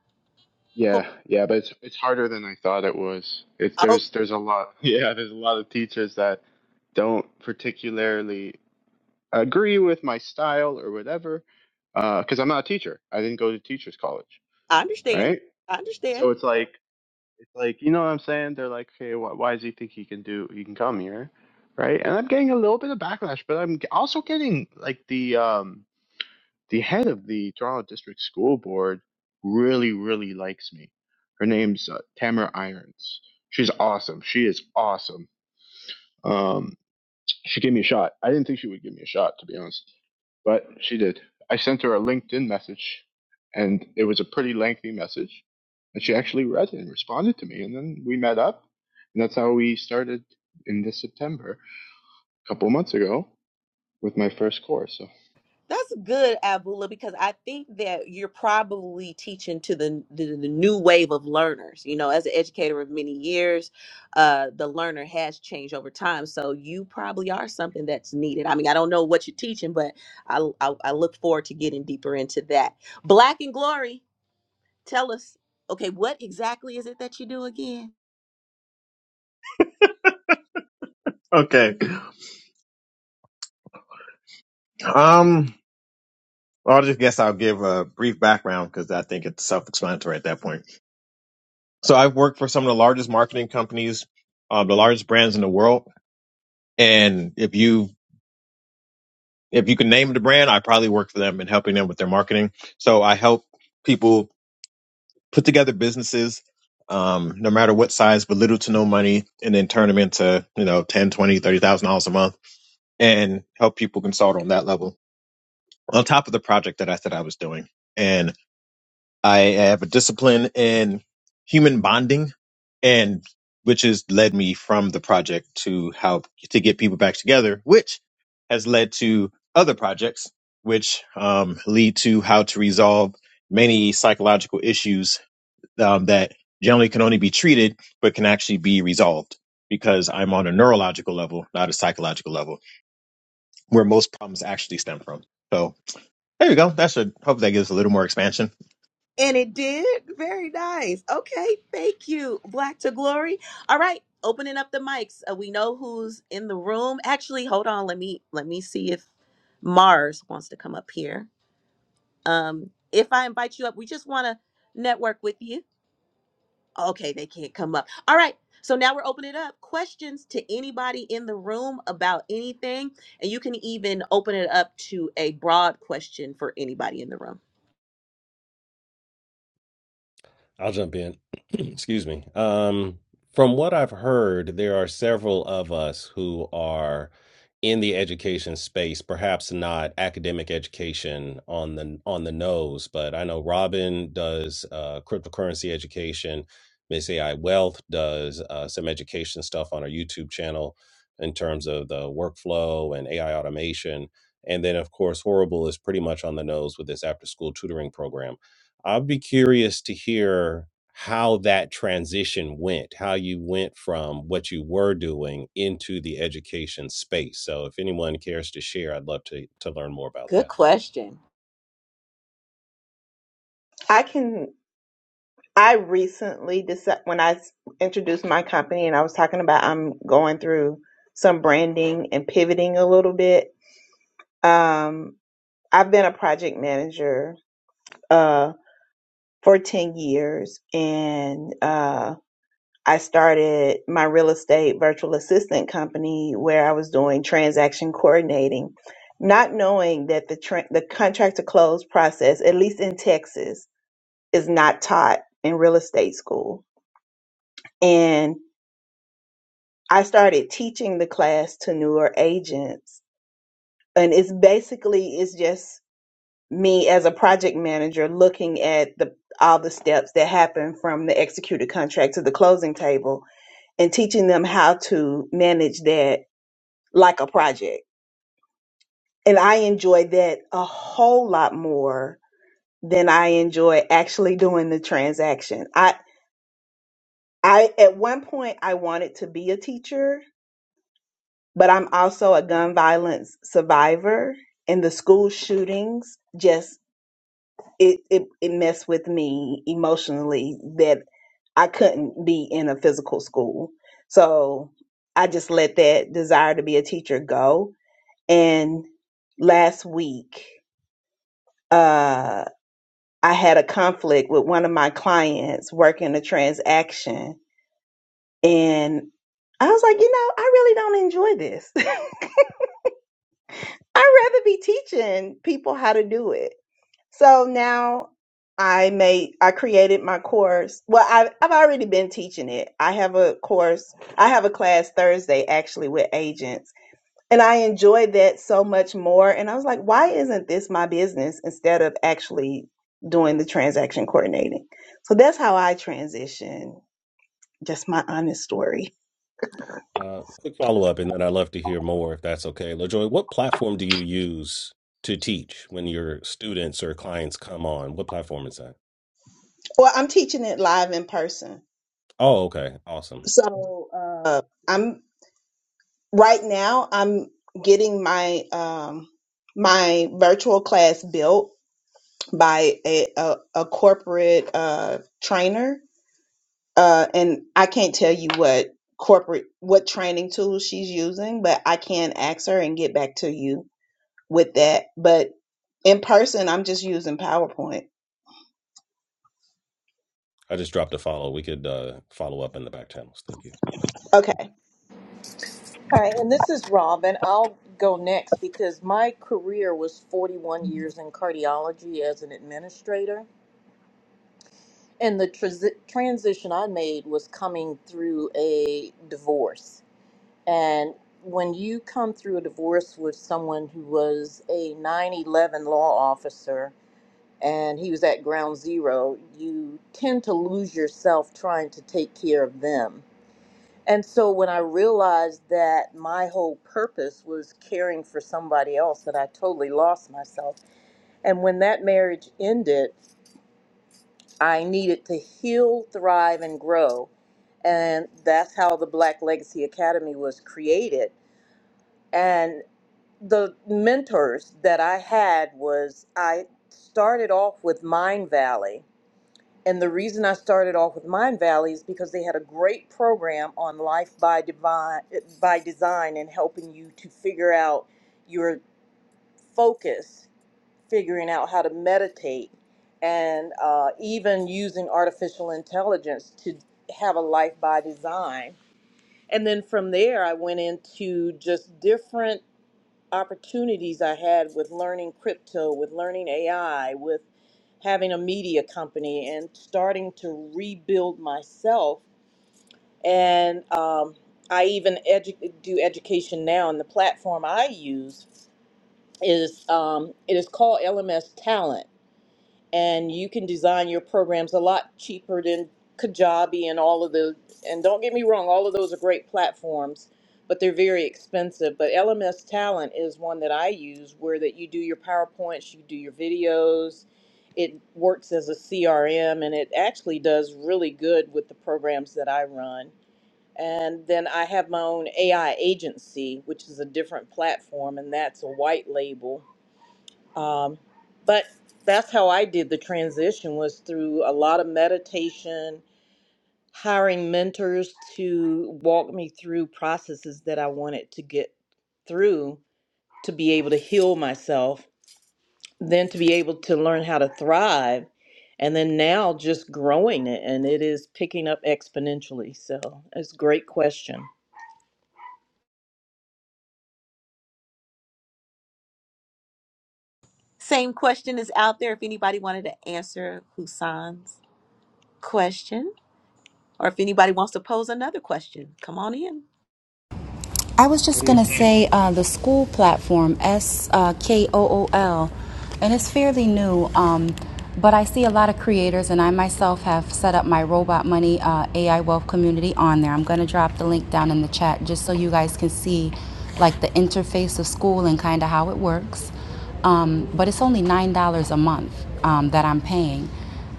B: Ho-
I: Yeah, yeah, but it's it's harder than I thought it was. It's
B: Oh,
I: there's there's a lot. [LAUGHS] Yeah, there's a lot of teachers that don't particularly agree with my style or whatever, because I'm not a teacher. I didn't go to teachers college,
B: I understand.
I: right?
B: I understand.
I: So it's like It's like, you know what I'm saying? They're like, hey, why, why does he think he can do, he can come here? Right? And I'm getting a little bit of backlash, but I'm g- also getting like the, um, the head of the Toronto District School Board really, really likes me. Her name's uh, Tamara Irons. She's awesome. She is awesome. Um, she gave me a shot. I didn't think she would give me a shot, to be honest, but she did. I sent her a LinkedIn message, and it was a pretty lengthy message, and she actually read it and responded to me, and then we met up, and that's how we started in this September, a couple months ago, with my first course. So,
B: That's good, Abula, because I think that you're probably teaching to the, the the new wave of learners. You know, as an educator of many years, uh, the learner has changed over time. So you probably are something that's needed. I mean, I don't know what you're teaching, but I I, I look forward to getting deeper into that. Black and Glory, tell us, okay, what exactly is it that you do again?
H: Okay. Um, well, I just guess I'll give a brief background because I think it's self-explanatory at that point. So I've worked for some of the largest marketing companies, uh, the largest brands in the world, and if you if you can name the brand, I probably work for them in helping them with their marketing. So I help people put together businesses, um, no matter what size, but little to no money, and then turn them into you know ten, twenty, thirty thousand dollars a month and help people consult on that level on top of the project that I said I was doing. And I have a discipline in human bonding and which has led me from the project to how to get people back together, which has led to other projects, which um, lead to how to resolve many psychological issues um, that generally can only be treated, but can actually be resolved because I'm on a neurological level, not a psychological level where most problems actually stem from. So there you go. That should hope that gives a little more expansion.
B: And it did. Very nice. Okay. Thank you, Black to Glory. All right. Opening up the mics. Uh, we know who's in the room. Actually, hold on. Let me let me see if Mars wants to come up here. Um, if I invite you up, we just want to network with you. Okay, they can't come up. All right. So now we're opening it up. Questions to anybody in the room about anything. And you can even open it up to a broad question for anybody in the room.
F: I'll jump in. [CLEARS THROAT] Excuse me. Um, from what I've heard, there are several of us who are in the education space, perhaps not academic education on the on the nose, but I know Robin does uh, cryptocurrency education. Miss AI Wealth does uh, some education stuff on our YouTube channel in terms of the workflow and AI automation. And then, of course, Horrible is pretty much on the nose with this after school tutoring program. I'd be curious to hear how that transition went, how you went from what you were doing into the education space. So, if anyone cares to share, I'd love to to learn more about
B: Good
F: that.
B: question.
E: I can. I recently decided when I s- introduced my company and I was talking about I'm going through some branding and pivoting a little bit. Um, I've been a project manager uh, for 10 years, and uh, I started my real estate virtual assistant company where I was doing transaction coordinating, not knowing that the, tra- the contract to close process, at least in Texas, is not taught in real estate school. And I started teaching the class to newer agents. And it's basically, it's just me as a project manager looking at the all the steps that happen from the executed contract to the closing table and teaching them how to manage that like a project. And I enjoy that a whole lot more than I enjoy actually doing the transaction. I I at one point I wanted to be a teacher, but I'm also a gun violence survivor and the school shootings just it, it it messed with me emotionally that I couldn't be in a physical school. So I just let that desire to be a teacher go. And last week, uh, I had a conflict with one of my clients working a transaction. And I was like, you know, I really don't enjoy this. [LAUGHS] I'd rather be teaching people how to do it. So now I made I created my course. Well, I I've already been teaching it. I have a course. I have a class Thursday actually with agents. And I enjoyed that so much more and I was like, why isn't this my business instead of actually doing the transaction coordinating? So that's how I transition. Just my honest story.
F: Uh, quick follow up, and then I'd love to hear more if that's okay. LaJoy, what platform do you use to teach when your students or clients come on? What platform is that?
E: Well, I'm teaching it live in person.
F: Oh, okay, awesome.
E: So, uh right now I'm getting my um my virtual class built by a a, a corporate uh trainer uh and I can't tell you what corporate what training tool she's using but I can ask her and get back to you with that but in person I'm just using PowerPoint
F: I just dropped a follow. We could uh, follow up in the back channels. Thank you.
E: okay
G: All right, and this is Rob, and I'll go next because my career was 41 years in cardiology as an administrator. And the transi- transition I made was coming through a divorce. And when you come through a divorce with someone who was a 9 11 law officer and he was at ground zero, you tend to lose yourself trying to take care of them. And so when I realized that my whole purpose was caring for somebody else, that I totally lost myself. And when that marriage ended, I needed to heal, thrive, and grow. And that's how the Black Legacy Academy was created. And the mentors that I had was I started off with Mind Valley. And the reason I started off with Mind Valley is because they had a great program on life by divine by design and helping you to figure out your focus figuring out how to meditate and uh, even using artificial intelligence to have a life by design. And then from there, I went into just different opportunities I had with learning crypto, with learning AI, with having a media company and starting to rebuild myself. And um, I even edu- do education now, and the platform I use is um, it is called LMS Talent and you can design your programs a lot cheaper than Kajabi and all of the. And don't get me wrong, all of those are great platforms, but they're very expensive. But LMS Talent is one that I use, where that you do your PowerPoints, you do your videos. It works as a CRM, and it actually does really good with the programs that I run. And then I have my own AI agency, which is a different platform, and that's a white label um, but that's how I did the transition was through a lot of meditation, hiring mentors to walk me through processes that I wanted to get through to be able to heal myself, then to be able to learn how to thrive, and then now just growing it and it is picking up exponentially. So it's a great question.
B: Same question is out there if anybody wanted to answer Husan's question or if anybody wants to pose another question. Come on in.
J: I was just going
I: Yeah.
J: to say uh, the school platform, S uh, K O O L, and it's fairly new, um, but I see a lot of creators, and I myself have set up my Robot Money uh, AI Wealth community on there. I'm going to drop the link down in the chat just so you guys can see like the interface of school and kind of how it works. Um, but it's only $9 a month um, that I'm paying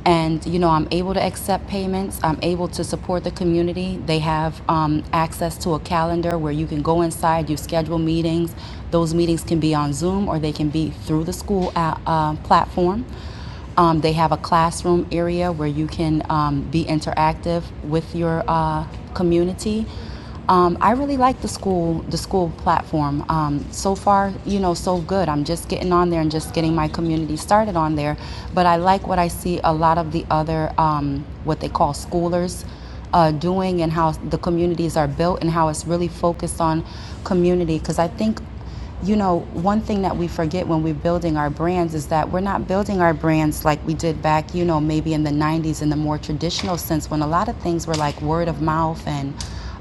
J: and you know i'm able to accept payments i'm able to support the community they have um, access to a calendar where you can go inside you schedule meetings those meetings can be on zoom or they can be through the school uh, uh, platform um, they have a classroom area where you can um, be interactive with your uh, community um, I really like the school, the school platform. Um, so far, you know, so good. I'm just getting on there and just getting my community started on there. But I like what I see a lot of the other, um, what they call schoolers, uh, doing and how the communities are built and how it's really focused on community. Because I think you know, one thing that we forget when we're building our brands is that we're not building our brands like we did back, you know, maybe in the 90s in the more traditional sense when a lot of things were like word of mouth and,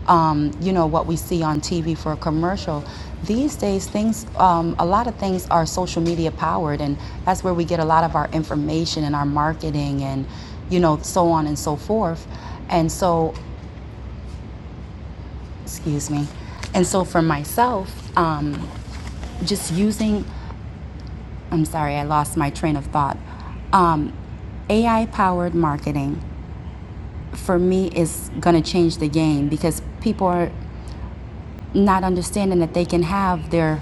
J: um, you know, what we see on TV for a commercial. These days, things, um, a lot of things are social media powered, and that's where we get a lot of our information and our marketing and, you know, so on and so forth. And so, excuse me. And so for myself, um, just using I'm sorry, I lost my train of thought. Um, AI powered marketing for me is going to change the game because people are not understanding that they can have their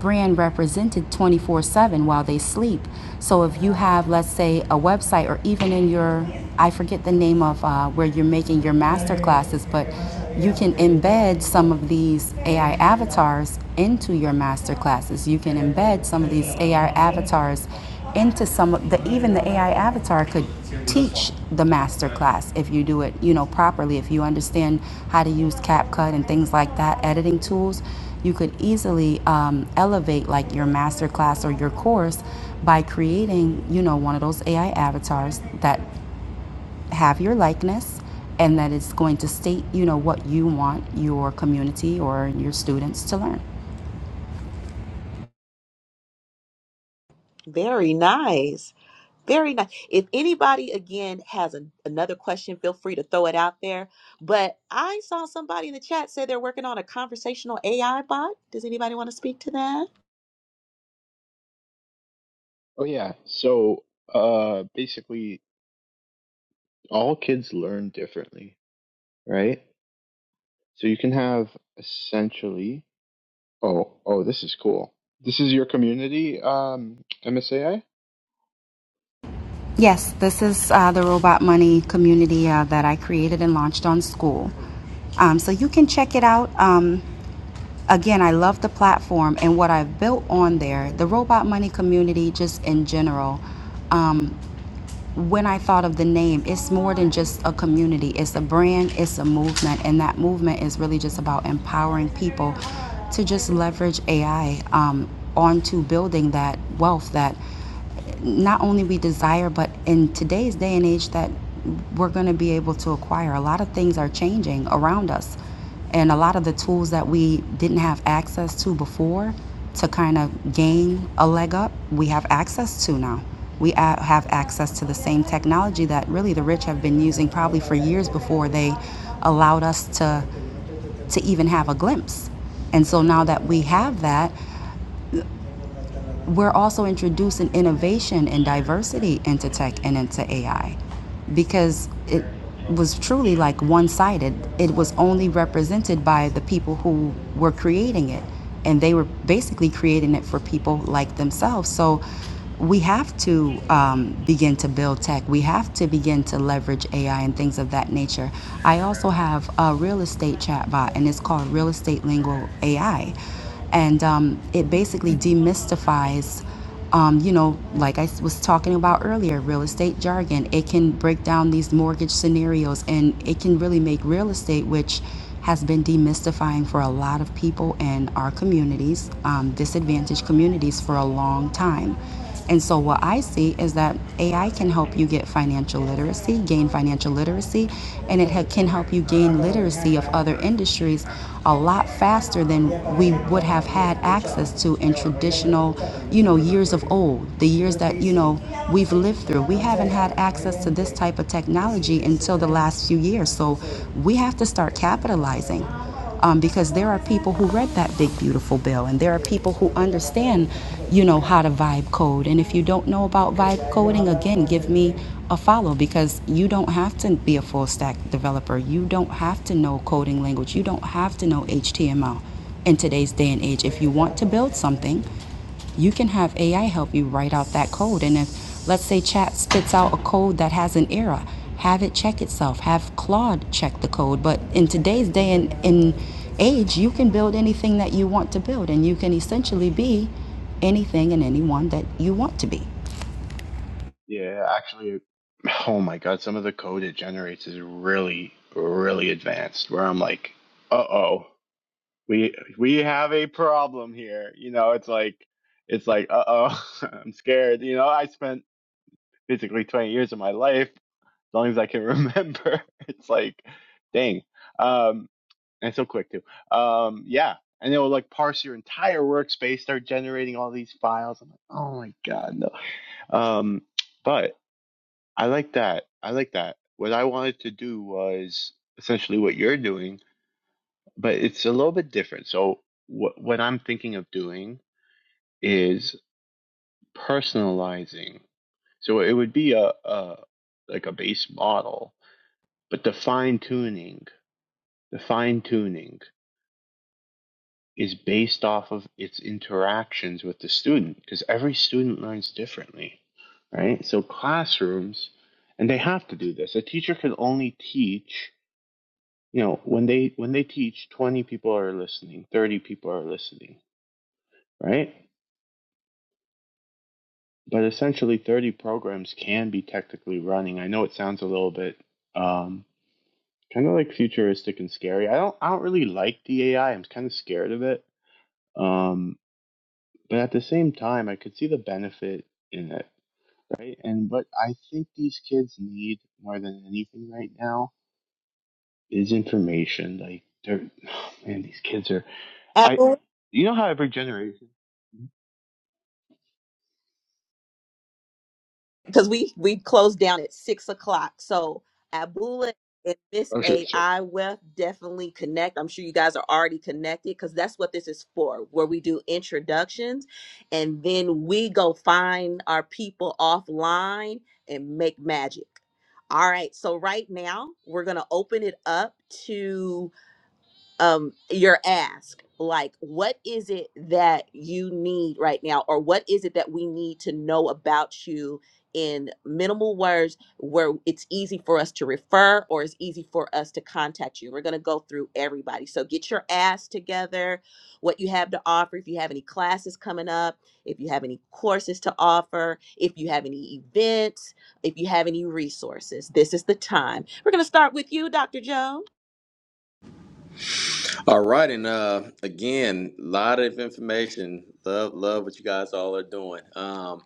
J: brand represented 24 7 while they sleep. So if you have, let's say, a website or even in your, I forget the name of uh, where you're making your master classes, but you can embed some of these AI avatars into your master classes. You can embed some of these AI avatars into some of the even the AI avatar could teach the master class if you do it, you know, properly. If you understand how to use CapCut and things like that, editing tools, you could easily um, elevate like your master class or your course by creating, you know, one of those AI avatars that have your likeness and that it's going to state, you know, what you want your community or your students to learn.
B: Very nice. Very nice. If anybody again has an, another question, feel free to throw it out there. But I saw somebody in the chat say they're working on a conversational AI bot. Does anybody want to speak to that?
I: oh yeah, so uh, basically, all kids learn differently, right? So you can have essentially. Oh, oh, this is cool. This is your community, um, MSAI.
J: Yes, this is uh, the Robot Money community uh, that I created and launched on school. Um, so you can check it out. Um, again, I love the platform and what I've built on there, the Robot Money community, just in general. Um, when I thought of the name, it's more than just a community, it's a brand, it's a movement, and that movement is really just about empowering people to just leverage AI um, onto building that wealth that not only we desire, but in today's day and age that we're going to be able to acquire. A lot of things are changing around us and a lot of the tools that we didn't have access to before to kind of gain a leg up, we have access to now. We have access to the same technology that really the rich have been using probably for years before they allowed us to to even have a glimpse. And so now that we have that, we're also introducing innovation and diversity into tech and into AI because it was truly like one sided. It was only represented by the people who were creating it, and they were basically creating it for people like themselves. So we have to um, begin to build tech. We have to begin to leverage AI and things of that nature. I also have a real estate chatbot, and it's called Real Estate Lingo AI and um, it
I: Mm,
J: basically demystifies um, you know like i s- was talking about earlier real estate jargon it can break down these mortgage scenarios and it can really make real estate which has been demystifying for a lot of people in our communities um, disadvantaged communities for a long time and so, what I see is that AI can help you get financial literacy, gain financial literacy, and it ha- can help you gain literacy of other industries a lot faster than we would have had access to in traditional, you know, years of old, the years that, you know, we've lived through. We haven't had access to this type of technology until the last few years. So, we have to start capitalizing um, because there are people who read that big beautiful bill and there are people who understand you know how to vibe code and if you don't know about vibe coding again give me a follow because you don't have to be a full stack developer you don't have to know coding language you don't have to know html in today's day and age if you want to build something you can have AI help you write out that code. And if, let's say, chat spits out a code that has an error, have it check itself, have Claude check the code. But in today's day and in age, you can build anything that you want to build, and you can essentially be anything and anyone that you want to be.
I: Yeah, actually, [SIGHS] oh my God, some of the code it generates is really, really advanced. Where I'm like, uh-oh, we we have a problem here. You know, it's like, it's like, uh-oh, [LAUGHS] I'm scared. You know, I spent basically 20 years of my life, as long as I can remember. [LAUGHS] It's like, dang, um, and so quick too. Um, yeah, and it will like parse your entire workspace, start generating all these files. I'm like, oh my God, no. Um, but. I like that. I like that. What I wanted to do was essentially what you're doing, but it's a little bit different. So what what I'm thinking of doing is personalizing. So it would be a, a like a base model, but the fine tuning, the fine tuning is based off of its interactions with the student because every student learns differently, right? So classrooms, and they have to do this. A teacher can only teach you know when they when they teach 20 people are listening 30 people are listening right but essentially 30 programs can be technically running i know it sounds a little bit um kind of like futuristic and scary i don't i don't really like the ai i'm kind of scared of it um but at the same time i could see the benefit in it right and what i think these kids need more than anything right now is information like they're [SIGHS] oh man these kids are i
B: Abu?
I: you know how every generation
B: because we we closed down at six o'clock. So Abula and Miss
I: Oh, sure.
B: A,
I: So,
B: I will definitely connect. I'm sure you guys are already connected because that's what this is for, where we do introductions and then we go find our people offline and make magic. All right, so right now we're gonna open it up to um your ask like what is it that you need right now or what is it that we need to know about you in minimal words where it's easy for us to refer or it's easy for us to contact you we're going to go through everybody so get your ass together what you have to offer if you have any classes coming up if you have any courses to offer if you have any events if you have any resources this is the time we're going to start with you dr jones
A: All right, and uh, again, a lot of information. Love, love what you guys all are doing. Um,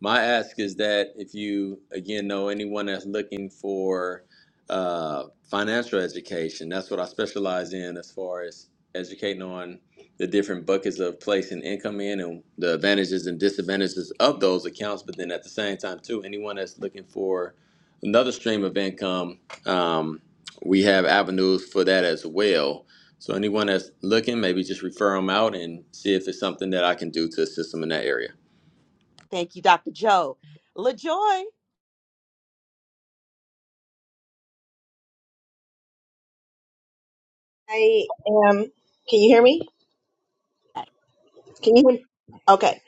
A: my ask is that if you again know anyone that's looking for uh, financial education, that's what I specialize in as far as educating on the different buckets of placing income in and the advantages and disadvantages of those accounts. But then at the same time, too, anyone that's looking for another stream of income, um, we have avenues for that as well so anyone that's looking, maybe just refer them out and see if it's something that I can do to assist them in that area.
B: Thank you, Dr. Joe. LaJoy,
E: I am can you hear me can you hear me? okay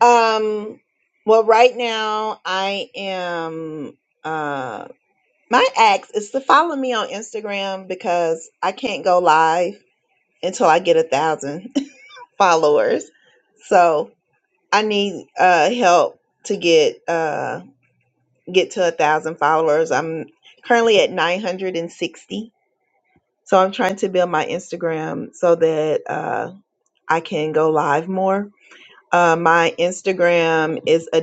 E: um well right now I am My ask is to follow me on Instagram because I can't go live until I get a thousand [LAUGHS] followers. So I need uh, help to get uh, get to a thousand followers. I'm currently at 960. So I'm trying to build my Instagram so that uh, I can go live more. Uh, my Instagram is a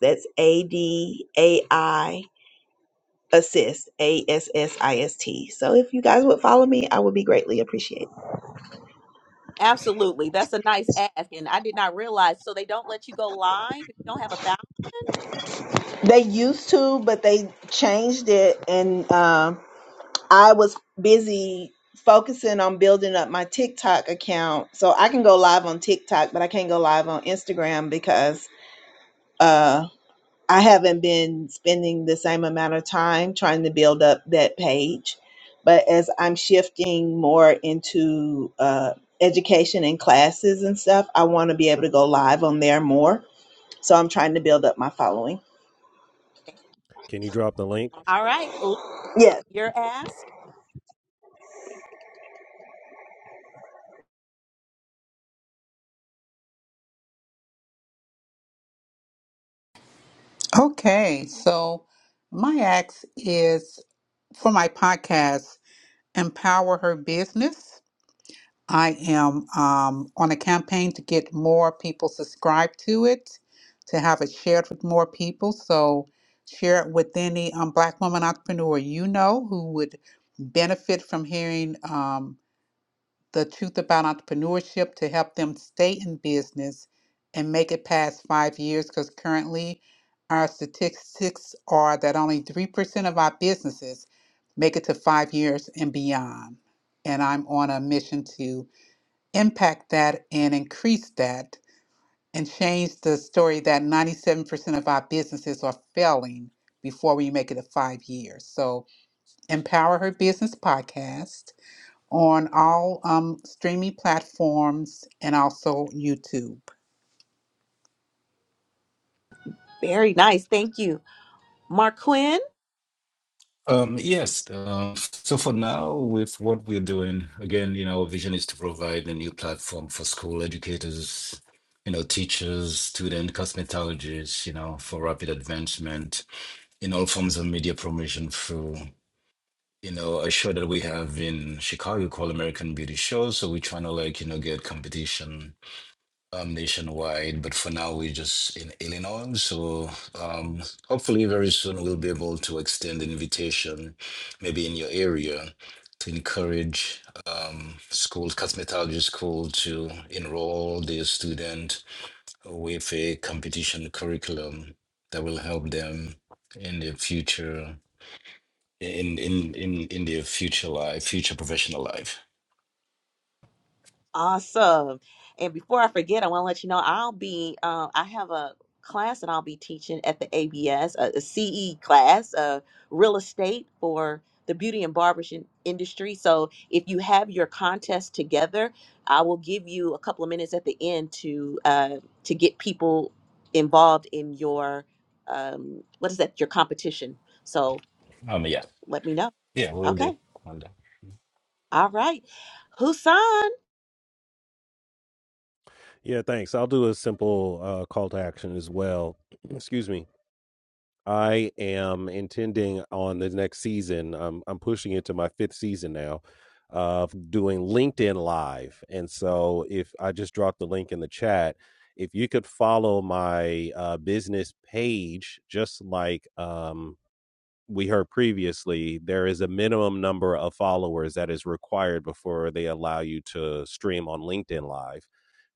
E: That's A D A I. assist a s s i s t so if you guys would follow me i would be greatly appreciated
B: absolutely. That's a nice ask. And I did not realize. So they don't let you go live if you don't have a thousand.
E: They used to, but they changed it. And um, I was busy focusing on building up my TikTok account. So I can go live on TikTok, but I can't go live on Instagram because uh, I haven't been spending the same amount of time trying to build up that page. But as I'm shifting more into uh, education and classes and stuff, I want to be able to go live on there more. So I'm trying to build up my following.
F: Can you drop the link?
B: All right. L-
E: Yes.
B: Your ask.
C: Okay, so my ask is for my podcast, Empower Her Business. I am um, on a campaign to get more people subscribed to it, to have it shared with more people. So share it with any um, Black woman entrepreneur you know who would benefit from hearing. Um, the truth about entrepreneurship to help them stay in business and make it past five years because currently our statistics are that only 3% of our businesses make it to five years and beyond. And I'm on a mission to impact that and increase that and change the story that 97% of our businesses are failing before we make it to five years. So, Empower Her Business podcast on all um, streaming platforms and also YouTube.
B: Very nice. Thank you. Mark Quinn.
D: Um, yes. Um, so for now, with what we're doing, again, you know, our vision is to provide a new platform for school educators, you know, teachers, student cosmetologists, you know, for rapid advancement in all forms of media promotion through, you know, a show that we have in Chicago called American Beauty Show. So we're trying to like, you know, get competition um, nationwide, but for now we're just in Illinois. So um, hopefully, very soon we'll be able to extend an invitation, maybe in your area, to encourage um, schools, cosmetology school, to enroll their student with a competition curriculum that will help them in their future, in in in in their future life, future professional life.
B: Awesome. And before I forget, I want to let you know I'll be, um, I have a class that I'll be teaching at the ABS, a, CE class, uh, real estate for the beauty and barbershop industry. So if you have your contest together, I will give you a couple of minutes at the end to uh, to get people involved in your um, what is that? Your competition. So
D: Um, yeah,
B: let me know.
D: yeah, we'll do.
B: Okay.
D: We'll do.
B: All right. Husan.
F: Yeah, thanks. I'll do a simple uh, call to action as well. [CLEARS THROAT] Excuse me. I am intending on the next season. I'm I'm pushing it to my fifth season now of doing LinkedIn Live, and so if I just dropped the link in the chat, if you could follow my uh, business page, just like um, we heard previously, there is a minimum number of followers that is required before they allow you to stream on LinkedIn Live.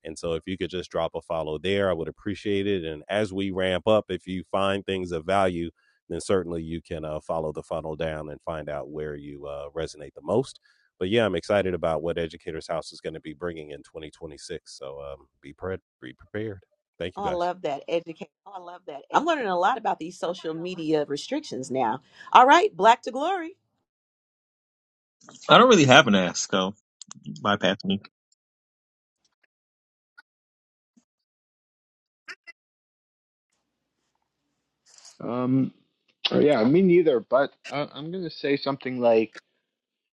F: And so, if you could just drop a follow there, I would appreciate it. And as we ramp up, if you find things of value, then certainly you can uh, follow the funnel down and find out where you uh, resonate the most. But yeah, I'm excited about what Educators House is going to be bringing in 2026. So um, be, pre- be prepared. Thank
B: Oh,
F: you
B: I
F: guys.
B: love that. I'm learning a lot about these social media restrictions now. All right, Black to Glory.
H: I don't really have an ask, so bypass me.
I: um, oh, yeah, me neither. But uh, I'm gonna say something like,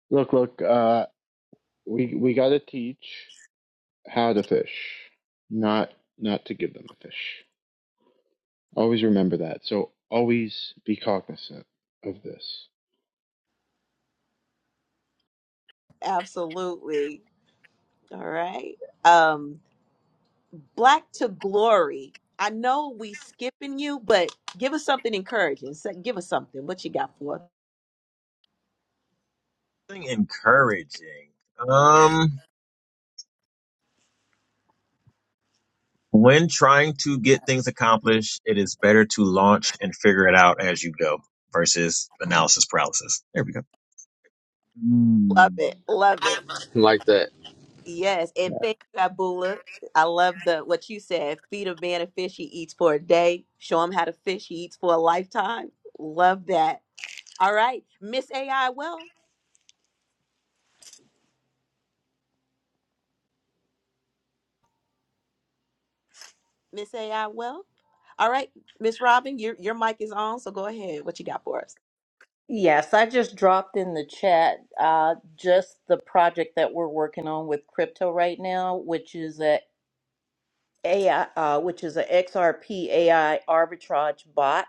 I: "Look, look, uh, we we gotta teach how to fish, not not to give them a fish. Always remember that. So always be cognizant of this."
B: Absolutely. All right. Um Black to Glory. I know we skipping you, but give us something encouraging. So give us something. What you got for? us?
H: Something encouraging. Um, when trying to get things accomplished, it is better to launch and figure it out as you go versus analysis paralysis. There we go.
B: Love it. Love it.
A: Like that.
B: Yes. And thank you, Abula. I love the what you said. Feed a man a fish he eats for a day. Show him how to fish he eats for a lifetime. Love that. All right. Miss AI well. Miss AI Wealth, All right, Miss Robin, your your mic is on, so go ahead. What you got for us?
G: Yes, I just dropped in the chat uh, just the project that we're working on with crypto right now, which is a AI, uh, which is a XRP AI arbitrage bot,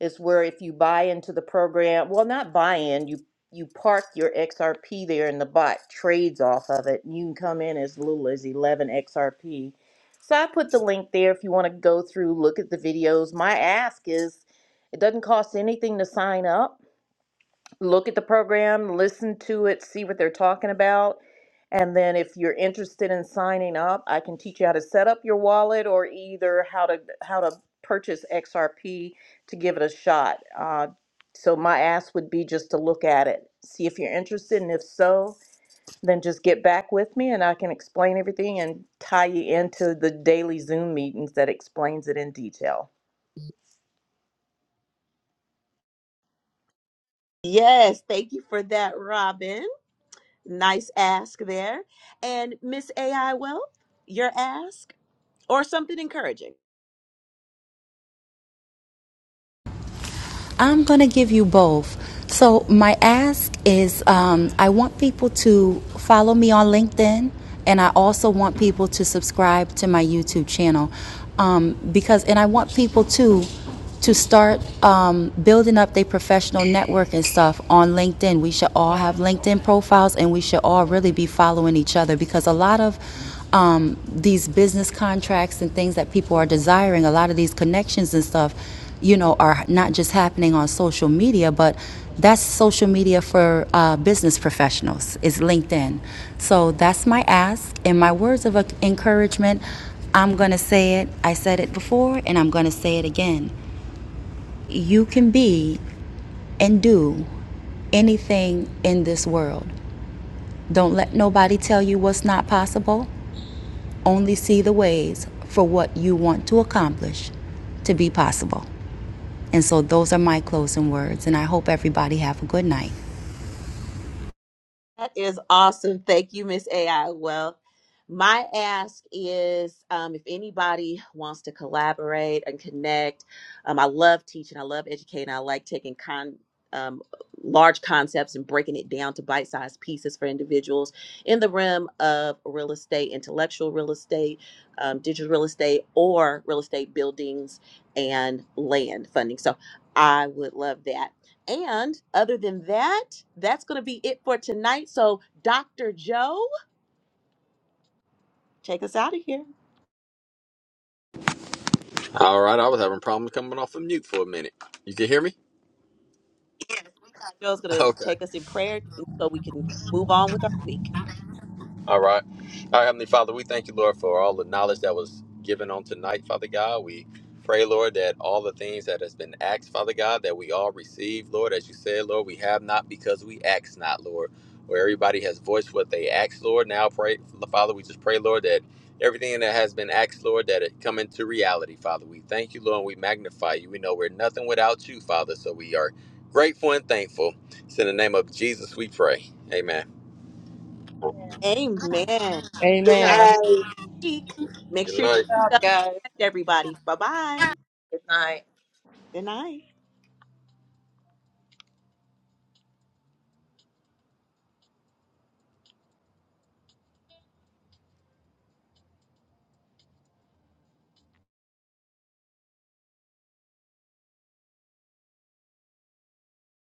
G: is where if you buy into the program, well, not buy in, you you park your XRP there, and the bot trades off of it. You can come in as little as eleven XRP. So I put the link there if you want to go through, look at the videos. My ask is, it doesn't cost anything to sign up look at the program, listen to it, see what they're talking about. And then if you're interested in signing up, I can teach you how to set up your wallet or either how to how to purchase XRP to give it a shot. Uh, so my ask would be just to look at it, see if you're interested, and if so, then just get back with me and I can explain everything and tie you into the daily Zoom meetings that explains it in detail.
B: Yes, thank you for that, Robin. Nice ask there. And Miss AI Wealth, your ask or something encouraging.
J: I'm going to give you both. So, my ask is um, I want people to follow me on LinkedIn, and I also want people to subscribe to my YouTube channel. Um, because, and I want people to to start um, building up their professional network and stuff on LinkedIn. We should all have LinkedIn profiles and we should all really be following each other because a lot of um, these business contracts and things that people are desiring, a lot of these connections and stuff, you know, are not just happening on social media, but that's social media for uh, business professionals, is LinkedIn. So that's my ask and my words of uh, encouragement. I'm going to say it. I said it before and I'm going to say it again. You can be and do anything in this world. Don't let nobody tell you what's not possible only see the ways for what you want to accomplish to be possible. And so those are my closing words and I hope everybody have a good night.
B: That is awesome. Thank you, Miss AI. Well, my ask is um, if anybody wants to collaborate and connect, um, I love teaching, I love educating, I like taking con. Um, large concepts and breaking it down to bite sized pieces for individuals in the realm of real estate, intellectual real estate, um, digital real estate, or real estate buildings and land funding. So I would love that. And other than that, that's going to be it for tonight. So, Dr. Joe, take us out of here.
A: All right, I was having problems coming off of mute for a minute. You can hear me?
B: Joe's
A: [LAUGHS]
B: going to
A: Okay.
B: take us in prayer so we can move on with our week.
A: All right. All right, Heavenly Father, we thank you, Lord, for all the knowledge that was given on tonight, Father God. We pray, Lord, that all the things that has been asked, Father God, that we all receive, Lord, as you said, Lord, we have not because we ask not, Lord. Where everybody has voiced what they asked, Lord. Now pray, Father, we just pray, Lord, that everything that has been asked, Lord, that it come into reality, Father. We thank you, Lord, and we magnify you. We know we're nothing without you, Father, so we are grateful and thankful. It's in the name of Jesus we pray. Amen.
E: Good
B: Amen.
G: Amen.
E: night.
B: Everybody, Make
A: Good
B: sure
G: Great
A: night.
B: you
G: job, guys.
B: everybody. Bye bye.
G: Good night.
B: Good night.